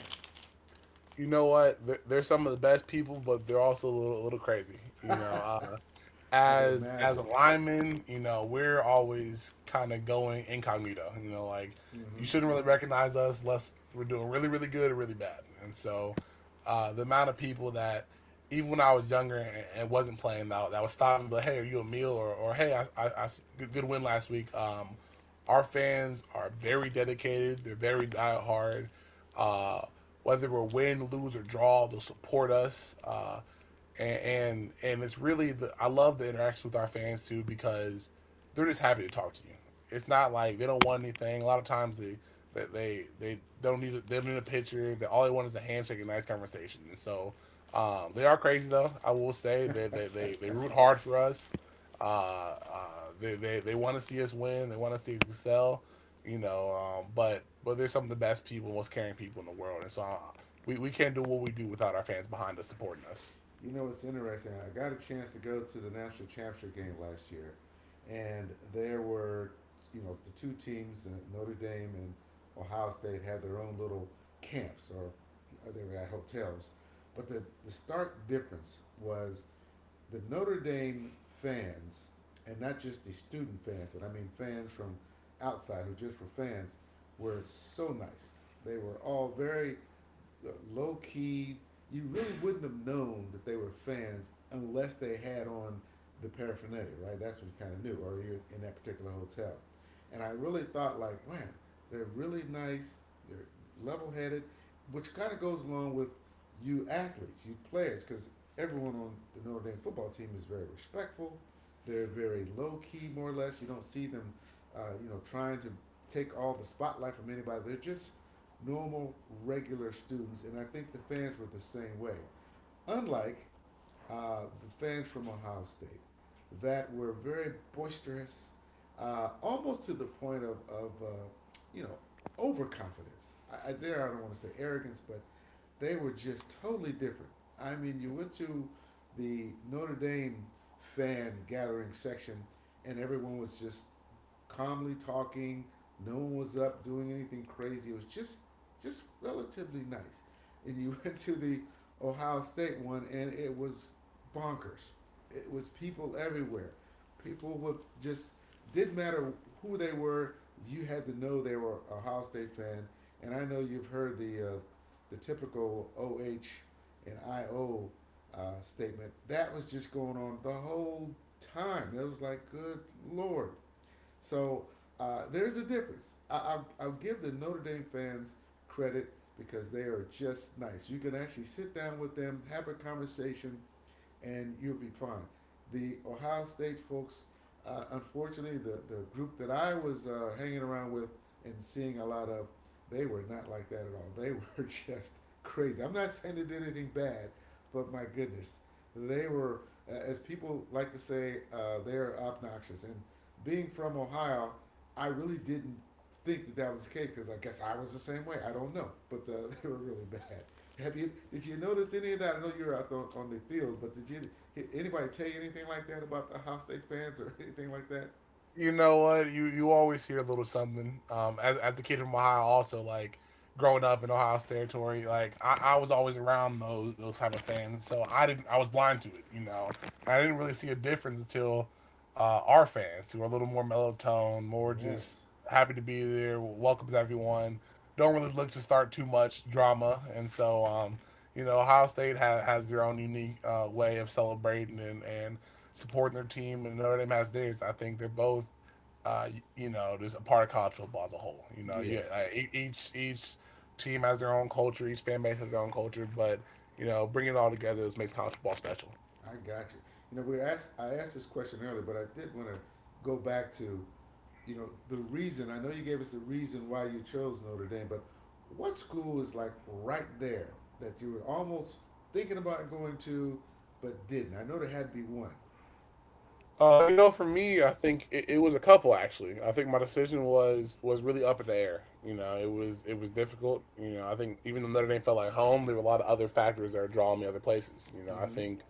You know what? They're, they're some of the best people, but they're also a little, a little crazy. You know, uh, I can as as imagine. a lineman, you know, we're always kind of going incognito. You know, like you Hmm. shouldn't really recognize us unless we're doing really, really good or really bad. And so, uh, the amount of people that even when I was younger and, and wasn't playing, that that would stop me, but hey, are you a meal or or hey, I, I, I s- good, good win last week. Um, our fans are very dedicated. They're very diehard. Uh, whether we're win, lose, or draw, they'll support us. Uh, and and, and it's really the, I love the interaction with our fans too because they're just happy to talk to you. It's not like they don't want anything. A lot of times they they they, they don't need a, they don't need a picture. They all they want is a handshake and nice conversation. And so um, they are crazy though. I will say that they, they, they, they root hard for us. Uh, uh, they they, they want to see us win. They want to see us excel. You know, um, but but they're some of the best people, most caring people in the world. And so uh, we we can't do what we do without our fans behind us supporting us. You know it's interesting? I got a chance to go to the national championship game last year, and there were, you know, the two teams, uh, Notre Dame and Ohio State, had their own little camps or uh, they were at hotels. But the the stark difference was the Notre Dame fans, and not just the student fans, but I mean fans from outside who just were fans, were so nice. They were all very low key. You really wouldn't have known that they were fans unless they had on the paraphernalia, right? That's what you kind of knew, or you're in that particular hotel. And I really thought, like, man, they're really nice. They're level headed, which kind of goes along with you athletes, you players, because everyone on the Notre Dame football team is very respectful. They're very low key, more or less. You don't see them, uh, you know, trying to take all the spotlight from anybody. They're just normal, regular students, and I think the fans were the same way. Unlike uh, the fans from Ohio State, that were very boisterous, uh, almost to the point of, of uh, you know, overconfidence. I, I dare, I don't want to say arrogance, but they were just totally different. I mean, you went to the Notre Dame fan gathering section, and everyone was just calmly talking, no one was up doing anything crazy. It was just just relatively nice. And you went to the Ohio State one, and it was bonkers. It was people everywhere. People with just didn't matter who they were. You had to know they were a Ohio State fan. And I know you've heard the uh, the typical O H and I O uh, statement. That was just going on the whole time. It was like, good lord. So uh, there's a difference. I, I'll, I'll give the Notre Dame fans credit because they are just nice. You can actually sit down with them, have a conversation, and you'll be fine. The Ohio State folks, uh, unfortunately, the the group that I was uh, hanging around with and seeing a lot of, they were not like that at all. They were just crazy. I'm not saying they did anything bad, but my goodness, they were, uh, as people like to say, uh, they're obnoxious. And being from Ohio, I really didn't think that that was the case because I guess I was the same way. I don't know, but uh, they were really bad. Have you did you notice any of that? I know you were out on, on the field, but did you anybody tell you anything like that about the Ohio State fans or anything like that? You know what? You you always hear a little something. Um, as as a kid from Ohio, also like growing up in Ohio's territory, like I, I was always around those those type of fans, so I didn't I was blind to it. You know, I didn't really see a difference until uh, our fans who are a little more mellow tone, more just Yes, happy to be there, welcomes everyone. Don't really look to start too much drama, and so um, you know, Ohio State has, has their own unique uh, way of celebrating and and supporting their team, and Notre Dame has theirs. I think they're both, uh, you know, just a part of college football as a whole. You know, you uh, yes, e- each each team has their own culture, each fan base has their own culture, but you know, bringing it all together is makes college football special. I got you. You know, we asked I asked this question earlier, but I did want to go back to you know the reason. I know you gave us the reason why you chose Notre Dame, but what school is like right there that you were almost thinking about going to, but didn't? I know there had to be one. Uh, you know, for me, I think it, it was a couple actually. I think my decision was was really up in the air. You know, it was it was difficult. You know, I think even though Notre Dame felt like home, there were a lot of other factors that are drawing me other places. You know, I Mm-hmm. think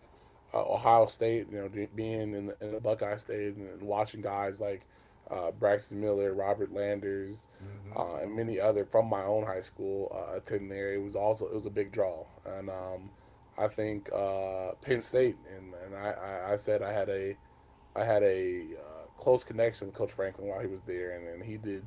uh, Ohio State, you know, being in the, in the Buckeye State and, watching guys like uh, Braxton Miller, Robert Landers, Mm-hmm. uh, and many other from my own high school uh, attend there. It was also it was a big draw, and um, I think uh, Penn State and and I, I, I said I had a I had a uh, close connection with Coach Franklin while he was there, and then he did,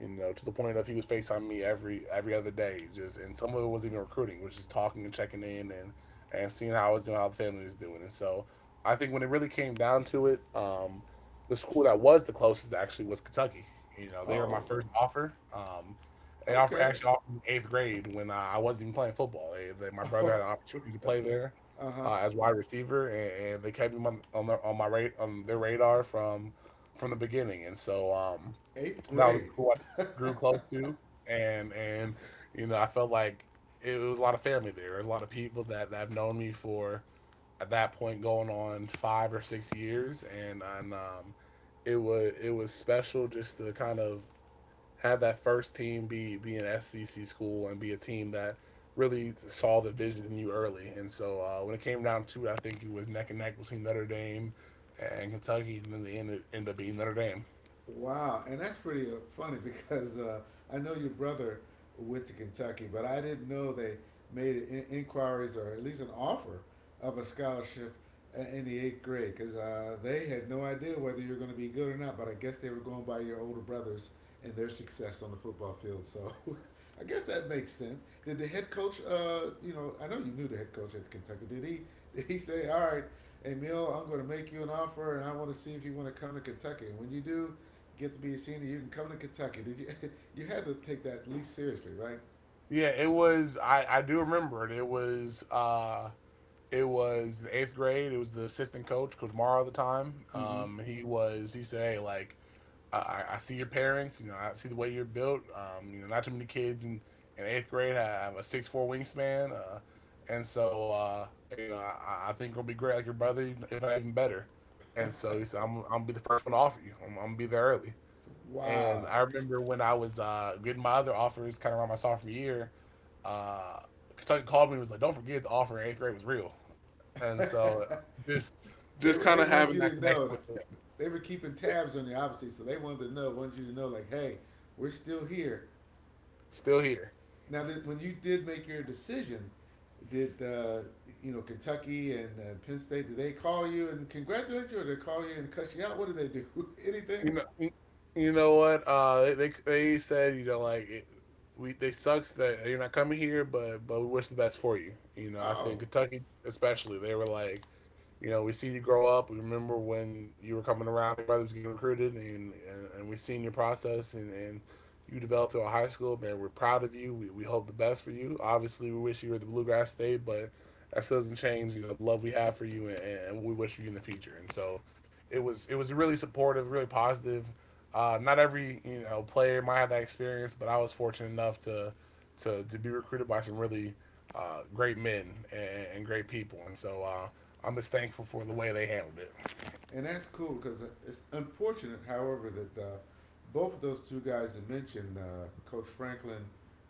you know, to the point of he was Facetiming me every every other day, just and some of it was even recruiting, which is talking and checking in and and seeing how I was doing, how the family was doing, and so I think when it really came down to it, um, the school that was the closest actually was Kentucky. You know, they were my Oh, first offer. Um, they offer okay. actually offered me eighth grade when I wasn't even playing football. They, they, my Uh brother had an opportunity to play there, huh. uh, as wide receiver, and, and they kept him on on, their, on my rate on their radar from from the beginning, and so um, Eighth that was grade. who I grew close to, and and you know I felt like it was a lot of family there. There's a lot of people that, that have known me for at that point going on five or six years, and and um, it was it was special just to kind of have that first team be be an S E C school and be a team that really saw the vision in you early. And so uh, when it came down to it, I think it was neck and neck between Notre Dame and Kentucky, and then the end ended up being Notre Dame. Wow, and that's pretty uh, funny because uh, I know your brother went to Kentucky, but I didn't know they made in- inquiries or at least an offer of a scholarship i- in the eighth grade because uh, they had no idea whether you were going to be good or not. But I guess they were going by your older brothers and their success on the football field. So I guess that makes sense. Did the head coach, uh, you know, I know you knew the head coach at Kentucky. Did he? Did he say, "All right, Emil, I'm going to make you an offer, and I want to see if you want to come to Kentucky. And when you do, get to be a senior, you can come to Kentucky. Did you? You had to take that at least seriously, right?" Yeah, it was. I I do remember it. It was. Uh, it was the eighth grade. It was the assistant coach, Coach Morrow, at the time. Mm-hmm. Um, he was. He said, "Hey, like." I, I see your parents. You know, I see the way you're built. Um, you know, not too many kids in, in eighth grade have a six foot four wingspan. Uh, and so, uh, you know, I, I think it'll be great, like your brother, if not even better. And so he said, I'm, I'm gonna be the first one to offer you. I'm, I'm gonna be there early. And Wow. I remember when I was uh, getting my other offers, kind of around my sophomore year, uh, Kentucky called me and was like, "Don't forget the offer in eighth grade was real." And they so, uh, just just kind they of wanted having you that to connection know. That with him, they were keeping It- tabs on you, obviously, so they wanted to know. Wanted you to know, like, hey, we're still here. still here. Now, did, when you did make your decision, did uh, you know Kentucky and uh, Penn State? Did they call you and congratulate you, or did they call you and cuss you out? What did they do? Anything? You know, you you know what? Uh, they they they said, you know, like it, we they, sucks that you're not coming here, but but we wish the best for you. You know, I Oh, think Kentucky especially, they were like, you know, we seen you grow up. We remember when you were coming around, everybody was getting recruited, and and, and we seen your process and and you developed through high school. Man, we're proud of you. We we hope the best for you. Obviously, we wish you were at the Bluegrass State, but that still doesn't change, you know, the love we have for you and, and we wish you in the future. And so it was it was really supportive, really positive. Uh, not every, you know player might have that experience, but I was fortunate enough to to to be recruited by some really uh, great men and, and great people, and so uh, I'm just thankful for the way they handled it. and that's cool because it's unfortunate, however, that uh, both of those two guys that mentioned, uh, Coach Franklin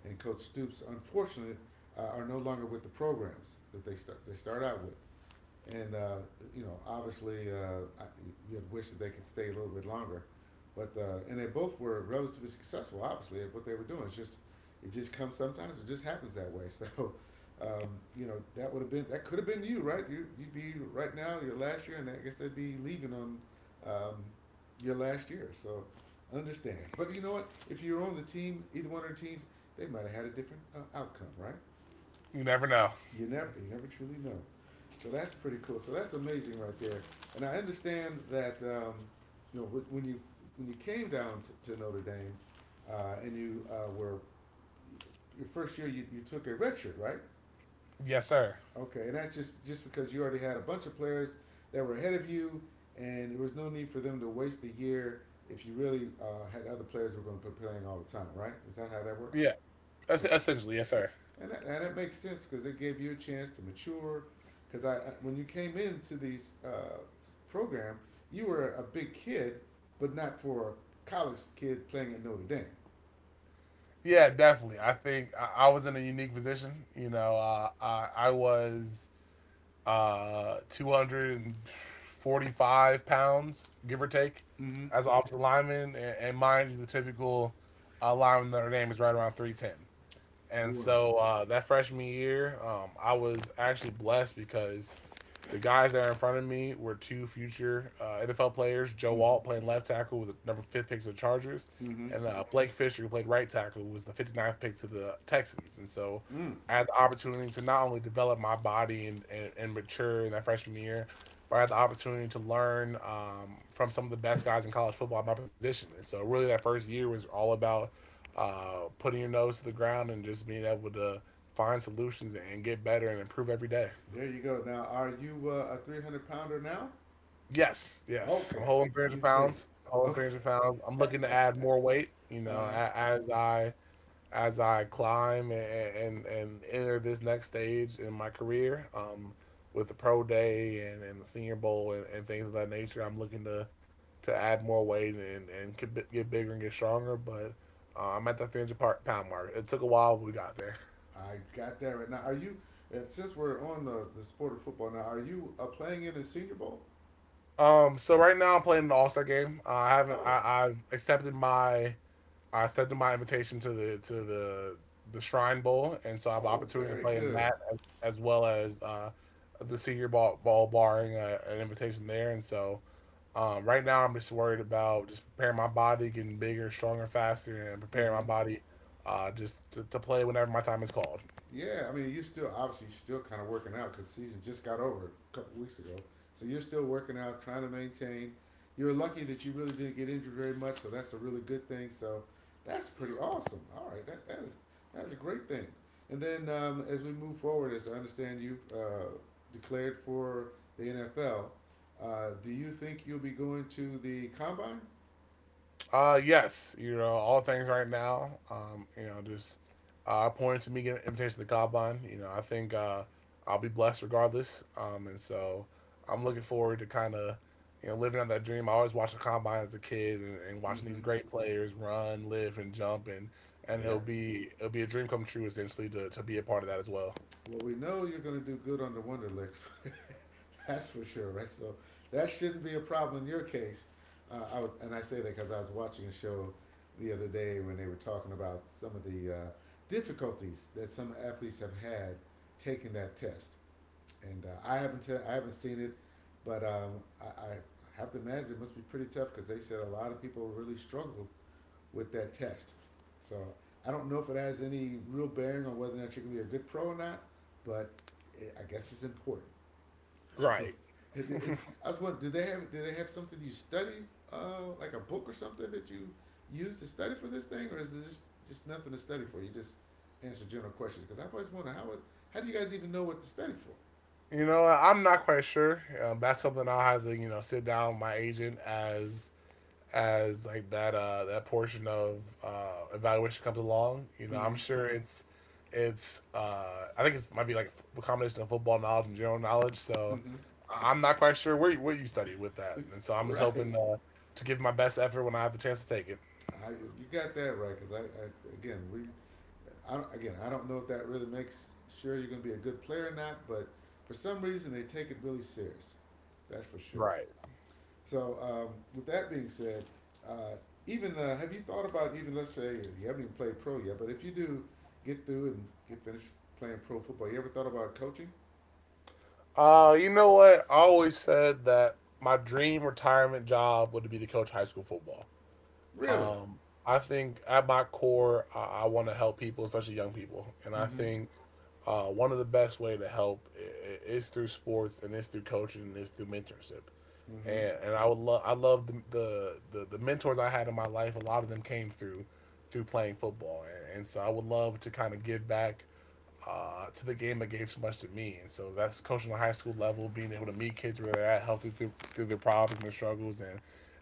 and Coach Stoops, unfortunately, uh, are no longer with the programs that they start they start out with. And uh, you know, obviously, uh, I, you had wished that they could stay a little bit longer, but uh, and they both were relatively successful, obviously, at what they were doing. It's just it just comes sometimes. It just happens that way. So, um, you know, that would have been that could have been you, right? You you'd be right now your last year, and I guess they'd be leaving on um, your last year. So, understand. But you know what? If you're on the team, either one of the teams, they might have had a different uh, outcome, right? You never know. You never, you never truly know. So that's pretty cool. So that's amazing right there. And I understand that um, you know when you when you came down to, to Notre Dame uh, and you uh, were your first year, you, you took a redshirt, right? Yes, sir. Okay, and that's just just because you already had a bunch of players that were ahead of you, and there was no need for them to waste a year if you really uh, had other players who were going to be playing all the time, right? Is that how that worked? Yeah, that's Okay, essentially, yes, sir. and that, and it makes sense because it gave you a chance to mature. Because I, when you came into these uh, program, you were a big kid, but not for a college kid playing at Notre Dame. Yeah, definitely. I think I, I was in a unique position. You know, uh, I I was uh, two hundred forty-five pounds, give or take, Mm-hmm. as an offensive lineman. And, and mind you, the typical uh, lineman in Notre Dame is right around three ten. And Well, so uh, that freshman year, um, I was actually blessed because the guys that are in front of me were two future uh, N F L players: Joe mm-hmm. Walt playing left tackle with the number fifth pick to the Chargers, Mm-hmm. and uh, Blake Fisher, who played right tackle, who was the 59th pick to the Texans. And so Mm. I had the opportunity to not only develop my body and, and, and mature in that freshman year, but I had the opportunity to learn um, from some of the best guys in college football at my position. And so really, that first year was all about uh, putting your nose to the ground and just being able to find solutions and get better and improve every day. There you go. Now, are you uh, a three hundred pounder now? Yes, yes. I'm Okay, holding 300 you've made it. pounds. Holding Okay. three hundred pounds. I'm looking to uh add more weight. You know, huh. a- as I as I climb and and, and enter this next stage in my career, um, with the pro day and, and the senior bowl and, and things of that nature, I'm looking to to add more weight and and get bi- get bigger and get stronger. But uh, I'm at the three hundred par- pound mark. It took a while, but we got there. I got that right now. Are you? uh, Since we're on the, the sport of football now, are you uh, playing in a Senior Bowl? Um, so right now I'm playing an All Star game. Uh, I haven't. Oh, I, I've accepted my. I accepted my invitation to the to the the Shrine Bowl, and so I have an oh, opportunity to very play in good. that, as, as well as uh, the Senior Ball Ball, barring uh, an invitation there. And so um, right now I'm just worried about just preparing my body, getting bigger, stronger, faster, and preparing my hmm body uh, just to, to play whenever my time is called. Yeah, I mean, you're still obviously you're still kind of working out because season just got over a couple weeks ago, so you're still working out, trying to maintain. You're lucky that you really didn't get injured very much, so that's a really good thing. So that's pretty awesome. All right, that, that is that's a great thing. And then um, as we move forward, as I understand you uh, declared for the N F L, uh, do you think you'll be going to the combine? Uh, yes, you know, all things right now. Um, you know, just uh, pointing to me getting an invitation to Combine. You know, I think uh, I'll be blessed regardless. Um, and so I'm looking forward to kind of, you know, living out that dream. I always watched the Combine as a kid and, and watching hmm these great players run, live, and jump, and and it'll Yep. be it'll be a dream come true essentially to to be a part of that as well. Well, we know you're going to do good on the Wonderlicks. That's for sure, right? So that shouldn't be a problem in your case. Uh, I was, and I say that because I was watching a show the other day when they were talking about some of the uh, difficulties that some athletes have had taking that test. And uh, I haven't, te- I haven't seen it, but um, I, I have to imagine it must be pretty tough because they said a lot of people really struggled with that test. So I don't know if it has any real bearing on whether or not you're going to be a good pro or not, but it, I guess it's important. So Right. it is. I was wondering, do they have do they have something you study, uh, like a book or something that you use to study for this thing, or is it just just nothing to study for? You just answer general questions because I've always wondered how how do you guys even know what to study for? You know, I'm not quite sure. Um, that's something I'll have to, you know, sit down with my agent as as like that uh that portion of uh evaluation comes along. You know, I'm Mm-hmm. sure, hmm, it's it's uh I think it's, might be like a combination of football knowledge and general knowledge. So Mm-hmm. I- I'm not quite sure where you, what you study with that, and so I'm just Right. hoping uh, to give my best effort when I have the chance to take it. I, you got that right because I, I again we I don't, again, I don't know if that really makes sure you're going to be a good player or not, but for some reason they take it really serious. That's for sure. Right. So, um, with that being said, uh, even uh, have you thought about, even let's say you haven't even played pro yet, but if you do get through and get finished playing pro football, you ever thought about coaching? Uh you know what, I always said that my dream retirement job would be to coach high school football. Really? Um, I think at my core, I, I want to help people, especially young people, and I Mm-hmm. think uh, one of the best way to help i- i- is through sports and is through coaching and is through mentorship. Mm-hmm. And and I would love I love the, the the the mentors I had in my life. A lot of them came through through playing football, and, and so I would love to kind of give back uh, to the game that gave so much to me. And so that's coaching on a high school level, being able to meet kids where they're at, healthy through, through their problems and their struggles, and,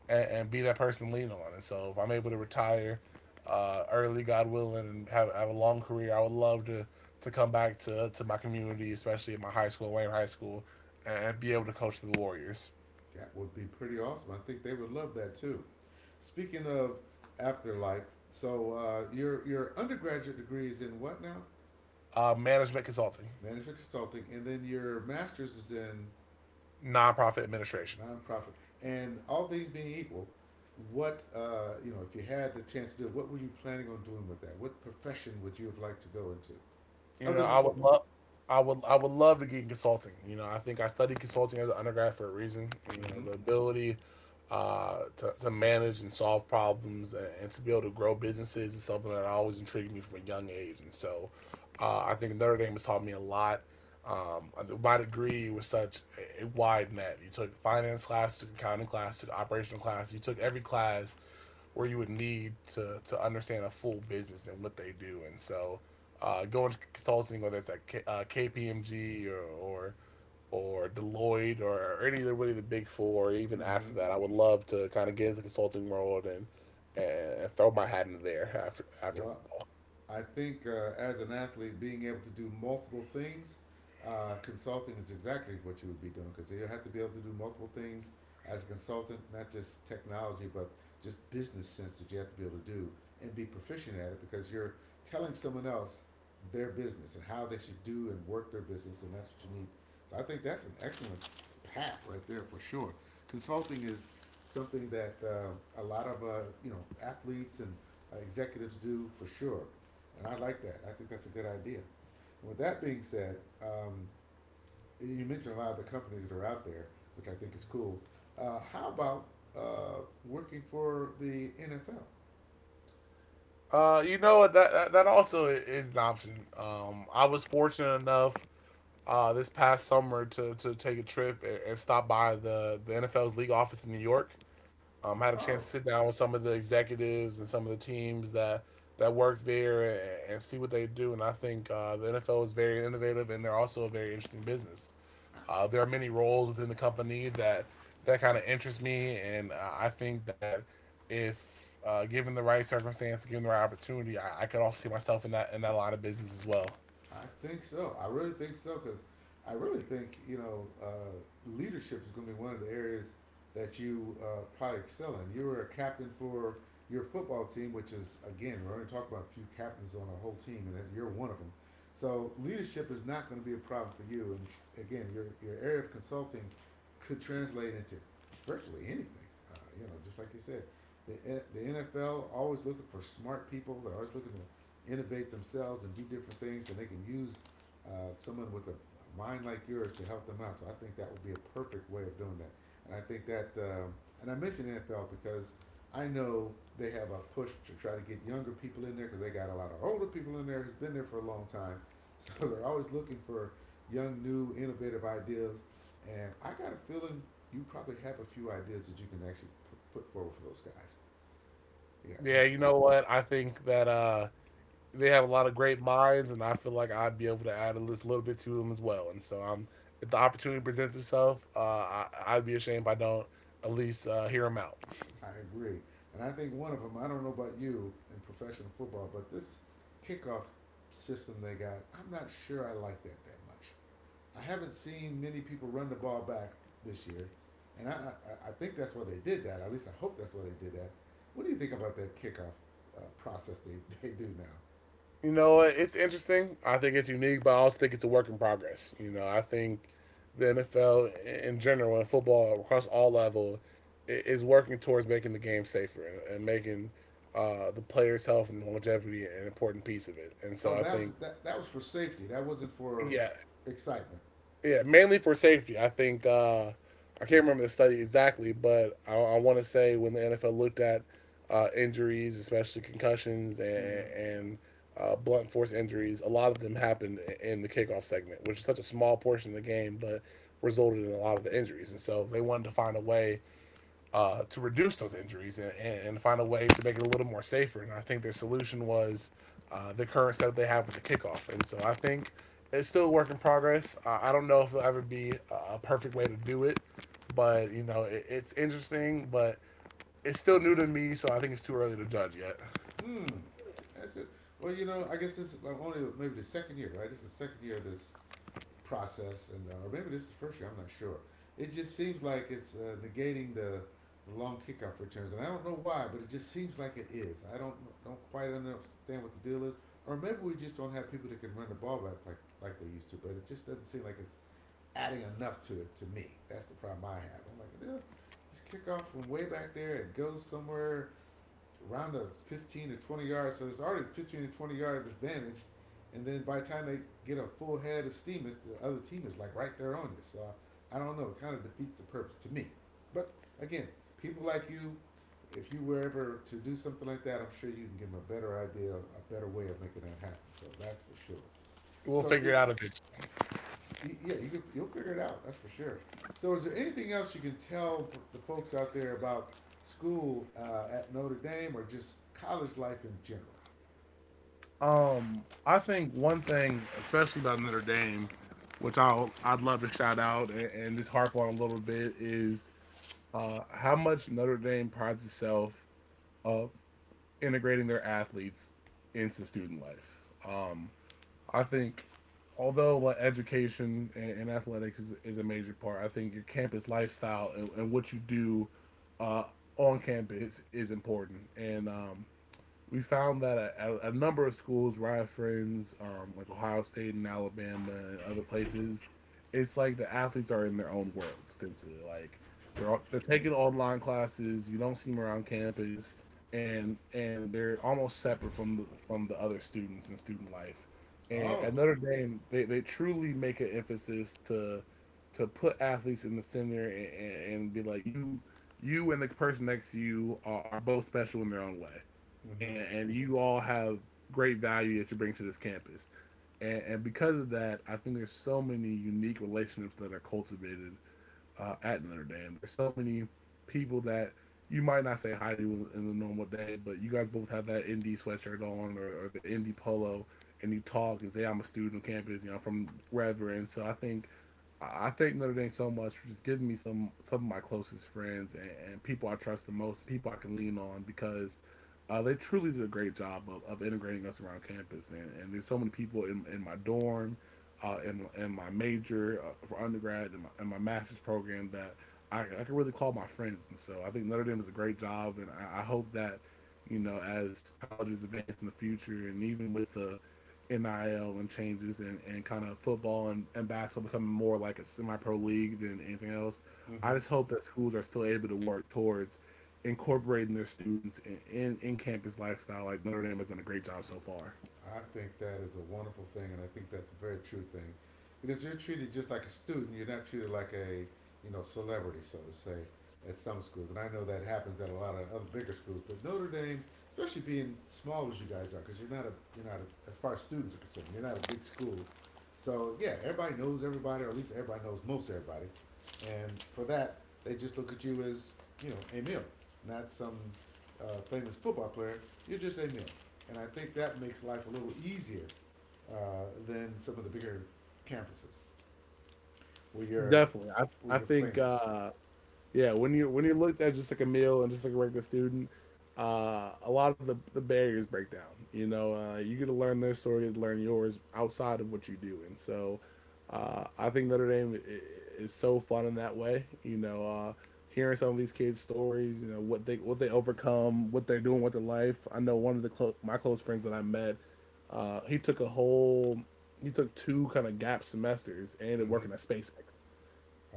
and and be that person to lean on. And so if I'm able to retire uh, early, God willing, and have, have a long career, I would love to to come back to, to my community, especially at my high school, Wayne High School, and be able to coach the Warriors. That would be pretty awesome. I think they would love that too. Speaking of afterlife, so uh, your your undergraduate degree is in what now? Uh, management consulting. Management consulting, and then your master's is in Nonprofit administration. nonprofit. And all things being equal, what uh, you know, if you had the chance to do, it, what were you planning on doing with that? What profession would you have liked to go into, You know, other than I would football? love, I would, I would love to get in consulting. You know, I think I studied consulting as an undergrad for a reason. You know, Mm-hmm. the ability uh, to to manage and solve problems and, and to be able to grow businesses is something that always intrigued me from a young age. And so, uh, I think Notre Dame has taught me a lot. Um, uh, my degree was such a, a wide net. You took finance class, took accounting class, took operational class. You took every class where you would need to to understand a full business and what they do. And so, uh, going to consulting, whether it's at K, uh, K P M G or, or or Deloitte or any of the, really, the big four, even after Mm-hmm. that, I would love to kind of get into the consulting world and and throw my hat into there after after What football. I think uh, as an athlete, being able to do multiple things, uh, consulting is exactly what you would be doing because you have to be able to do multiple things as a consultant, not just technology, but just business sense that you have to be able to do and be proficient at it because you're telling someone else their business and how they should do and work their business, and that's what you need. So I think that's an excellent path right there for sure. Consulting is something that uh, a lot of uh, you know athletes and uh, executives do for sure. And I like that. I think that's a good idea. And with that being said, um, you mentioned a lot of the companies that are out there, which I think is cool. Uh, how about uh, working for the N F L? Uh, you know what? That, that that also is an option. Um, I was fortunate enough uh, this past summer to, to take a trip and, and stop by the, the N F L's league office in New York. Um, had a chance to Oh, sit down with some of the executives and some of the teams that that work there, and, and see what they do. And I think uh, the N F L is very innovative, and they're also a very interesting business. Uh, there are many roles within the company that that kind of interest me, and uh, I think that if uh, given the right circumstance, given the right opportunity, I, I could also see myself in that in that line of business as well. I think so. I really think so because I really think you know uh, leadership is going to be one of the areas that you uh, probably excel in. You were a captain for your football team, which is again we're going to talk about a few captains on a whole team, and that you're one of them. So leadership is not going to be a problem for you. And again, your your area of consulting could translate into virtually anything. Uh, you know, just like you said, the eh, the N F L always looking for smart people. They're always looking to innovate themselves and do different things, and they can use uh, someone with a mind like yours to help them out. So I think that would be a perfect way of doing that. And I think that, um and I mentioned N F L because I know they have a push to try to get younger people in there because they got a lot of older people in there who's been there for a long time. So they're always looking for young, new, innovative ideas. And I got a feeling you probably have a few ideas that you can actually pu- put forward for those guys. Yeah, Yeah, and, you know what? I think that uh, they have a lot of great minds, and I feel like I'd be able to add a little bit to them as well. And so, um, if the opportunity presents itself, uh, I, I'd be ashamed if I don't at least uh, hear them out. I agree. And I think one of them, I don't know about you in professional football, but this kickoff system they got, I'm not sure I like that that much. I haven't seen many people run the ball back this year, and I, I, I think that's why they did that. At least I hope that's why they did that. What do you think about that kickoff uh, process they, they do now? You know, it's interesting. I think it's unique, but I also think it's a work in progress. You know, I think the N F L in general and football across all level is working towards making the game safer and making uh, the players' health and longevity an important piece of it. And Oh, so, I that was think, that, that was for safety. That wasn't for yeah. excitement. Yeah, mainly for safety. I think uh, I can't remember the study exactly, but I, I want to say when the N F L looked at uh, injuries, especially concussions and, Mm-hmm. and uh, blunt force injuries, a lot of them happened in the kickoff segment, which is such a small portion of the game, but resulted in a lot of the injuries. And so they wanted to find a way uh, to reduce those injuries and, and find a way to make it a little more safer. And I think their solution was uh, the current setup they have with the kickoff. And so I think it's still a work in progress. Uh, I don't know if it'll ever be a- perfect way to do it, but you know it, it's interesting. But it's still new to me, so I think it's too early to judge yet. Mm. That's it. Well, you know, I guess this is like only maybe the second year, right? This is the second year of this process, and uh, or maybe this is the first year. I'm not sure. It just seems like it's uh, negating the, the long kickoff returns, and I don't know why, but it just seems like it is. I don't don't quite understand what the deal is, or maybe we just don't have people that can run the ball back like like they used to. But it just doesn't seem like it's adding enough to it to me. That's the problem I have. I'm like, yeah, this kickoff from way back there, it goes somewhere around a fifteen to twenty yards. So it's already fifteen to twenty yard advantage. And then by the time they get a full head of steam, it's the other team is like right there on you. So I, I don't know. It kind of defeats the purpose to me. But again, people like you, if you were ever to do something like that, I'm sure you can give them a better idea, a better way of making that happen. So that's for sure. We'll So figure it, it out eventually. yeah, you you'll figure it out. That's for sure. So, is there anything else you can tell the folks out there about school uh, at Notre Dame or just college life in general? Um, I think one thing, especially about Notre Dame, which I'll, I'd love to shout out and, and just harp on a little bit, is uh, how much Notre Dame prides itself of integrating their athletes into student life. Um, I think, although like education and, and athletics is, is a major part, I think your campus lifestyle and, and what you do uh, on campus is important. And um, we found that a, a, number of schools, Riot Friends, um, like Ohio State and Alabama and other places, it's like the athletes are in their own world essentially. Like they're all- they're taking online classes. You don't see them around campus, and and they're almost separate from the, from the other students and student life. And at Oh. Notre Dame, they, they truly make an emphasis to to put athletes in the center and, and, and be like you you and the person next to you are, are both special in their own way, Mm-hmm. and and you all have great value that you bring to this campus. And, and because of that, I think there's so many unique relationships that are cultivated uh, at Notre Dame. There's so many people that you might not say hi to in the normal day, but you guys both have that indie sweatshirt on or, or the indie polo, and you talk and say, "I'm a student on campus, you know, I'm from wherever." And so I think I I thank Notre Dame so much for just giving me some some of my closest friends and, and people I trust the most, people I can lean on because uh, they truly did a great job of, of integrating us around campus. And, and there's so many people in, in my dorm, uh, in, in my major uh, for undergrad, and my, and my master's program that I, I can really call my friends. And so I think Notre Dame does a great job. And I, I hope that, you know, as colleges advance in the future and even with the N I L and changes and, and kind of football and, and basketball becoming more like a semi pro league than anything else. I Mm-hmm. just hope that schools are still able to work towards incorporating their students in, in, in campus lifestyle like Notre Dame has done a great job so far. I think that is a wonderful thing, and I think that's a very true thing, because you're treated just like a student. You're not treated like a you know celebrity, so to say, at some schools. And I know that happens at a lot of other bigger schools, but Notre Dame, especially being small as you guys are, because you're not a you're not a, as far as students are concerned, you're not a big school. So yeah, everybody knows everybody, or at least everybody knows most everybody, and for that, they just look at you as you know a meal, not some uh, famous football player. You're just a meal. And I think that makes life a little easier uh, than some of the bigger campuses where you're Definitely. I, where I you're think famous. uh Yeah, when you when you looked at just like a meal and just like a regular student, uh, a lot of the, the barriers break down. You know, uh, you get to learn their story, you get to learn yours outside of what you do, and so uh, I think Notre Dame is, is so fun in that way. You know, uh, hearing some of these kids' stories, you know what they what they overcome, what they're doing with their life. I know one of the clo- my close friends that I met, uh, he took a whole he took two kind of gap semesters and ended up Mm-hmm. working at SpaceX,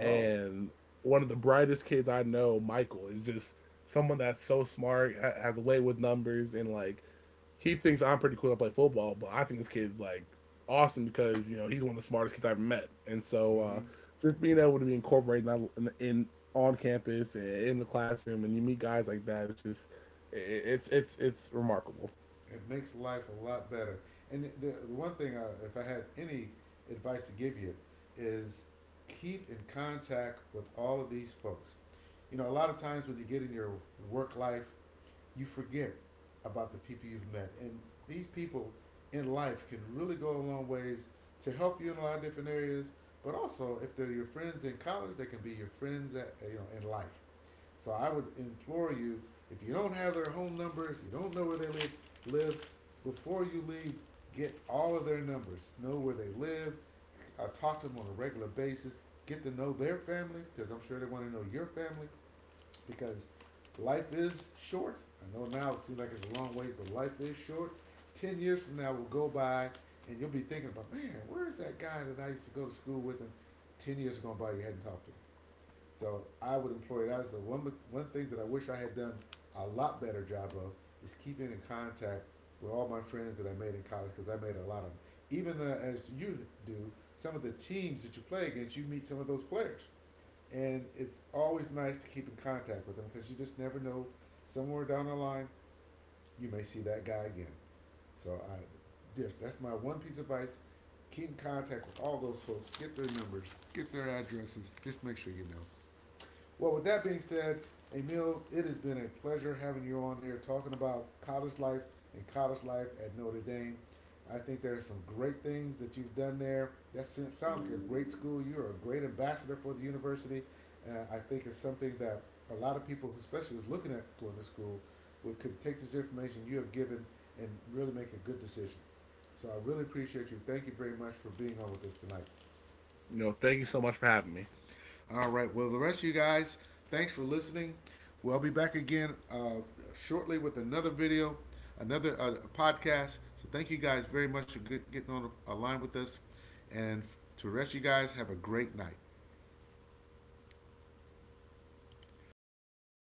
Oh, one of the brightest kids I know, Michael, is just someone that's so smart, ha- has a way with numbers, and like he thinks I'm pretty cool to play football, but I think this kid's like awesome because you know he's one of the smartest kids I've ever met, and so uh, hmm, just being able to be incorporated in, in, in on campus and in the classroom, and you meet guys like that, it's just it, it's it's it's remarkable. it makes life a lot better. And the, the one thing, uh, if I had any advice to give you, is keep in contact with all of these folks. You know, a lot of times when you get in your work life you forget about the people you've met. And these people in life can really go a long ways to help you in a lot of different areas. But also, if they're your friends in college, they can be your friends at you know in life. So I would implore you, if you don't have their home numbers, you don't know where they live, live before you leave, get all of their numbers, know where they live, uh, talk to them on a regular basis, get to know their family because I'm sure they want to know your family because life is short. I know now it seems like it's a long ways, but life is short. Ten years from now will go by, and you'll be thinking about, man, where is that guy that I used to go to school with? And ten years are gone by, you hadn't talked to him. So I would employ that as the one one thing that I wish I had done a lot better job of is keeping in contact with all my friends that I made in college because I made a lot of them. Even uh, as you do, some of the teams that you play against, you meet some of those players and it's always nice to keep in contact with them because you just never know. Somewhere down the line, you may see that guy again. So I, that's my one piece of advice: keep in contact with all those folks, get their numbers, get their addresses. Just make sure you know. Well, with that being said, Emil, it has been a pleasure having you on here talking about college life and college life at Notre Dame. I think there are some great things that you've done there. That sounds like a great school. You're a great ambassador for the university. Uh, I think it's something that a lot of people, especially who's looking at going to school, would could take this information you have given and really make a good decision. So I really appreciate you. Thank you very much for being on with us tonight. You know, thank you so much for having me. All right. Well, the rest of you guys, thanks for listening. We'll be back again uh, shortly with another video, another uh, podcast. So thank you guys very much for getting on a line with us. And to the rest of you guys, have a great night.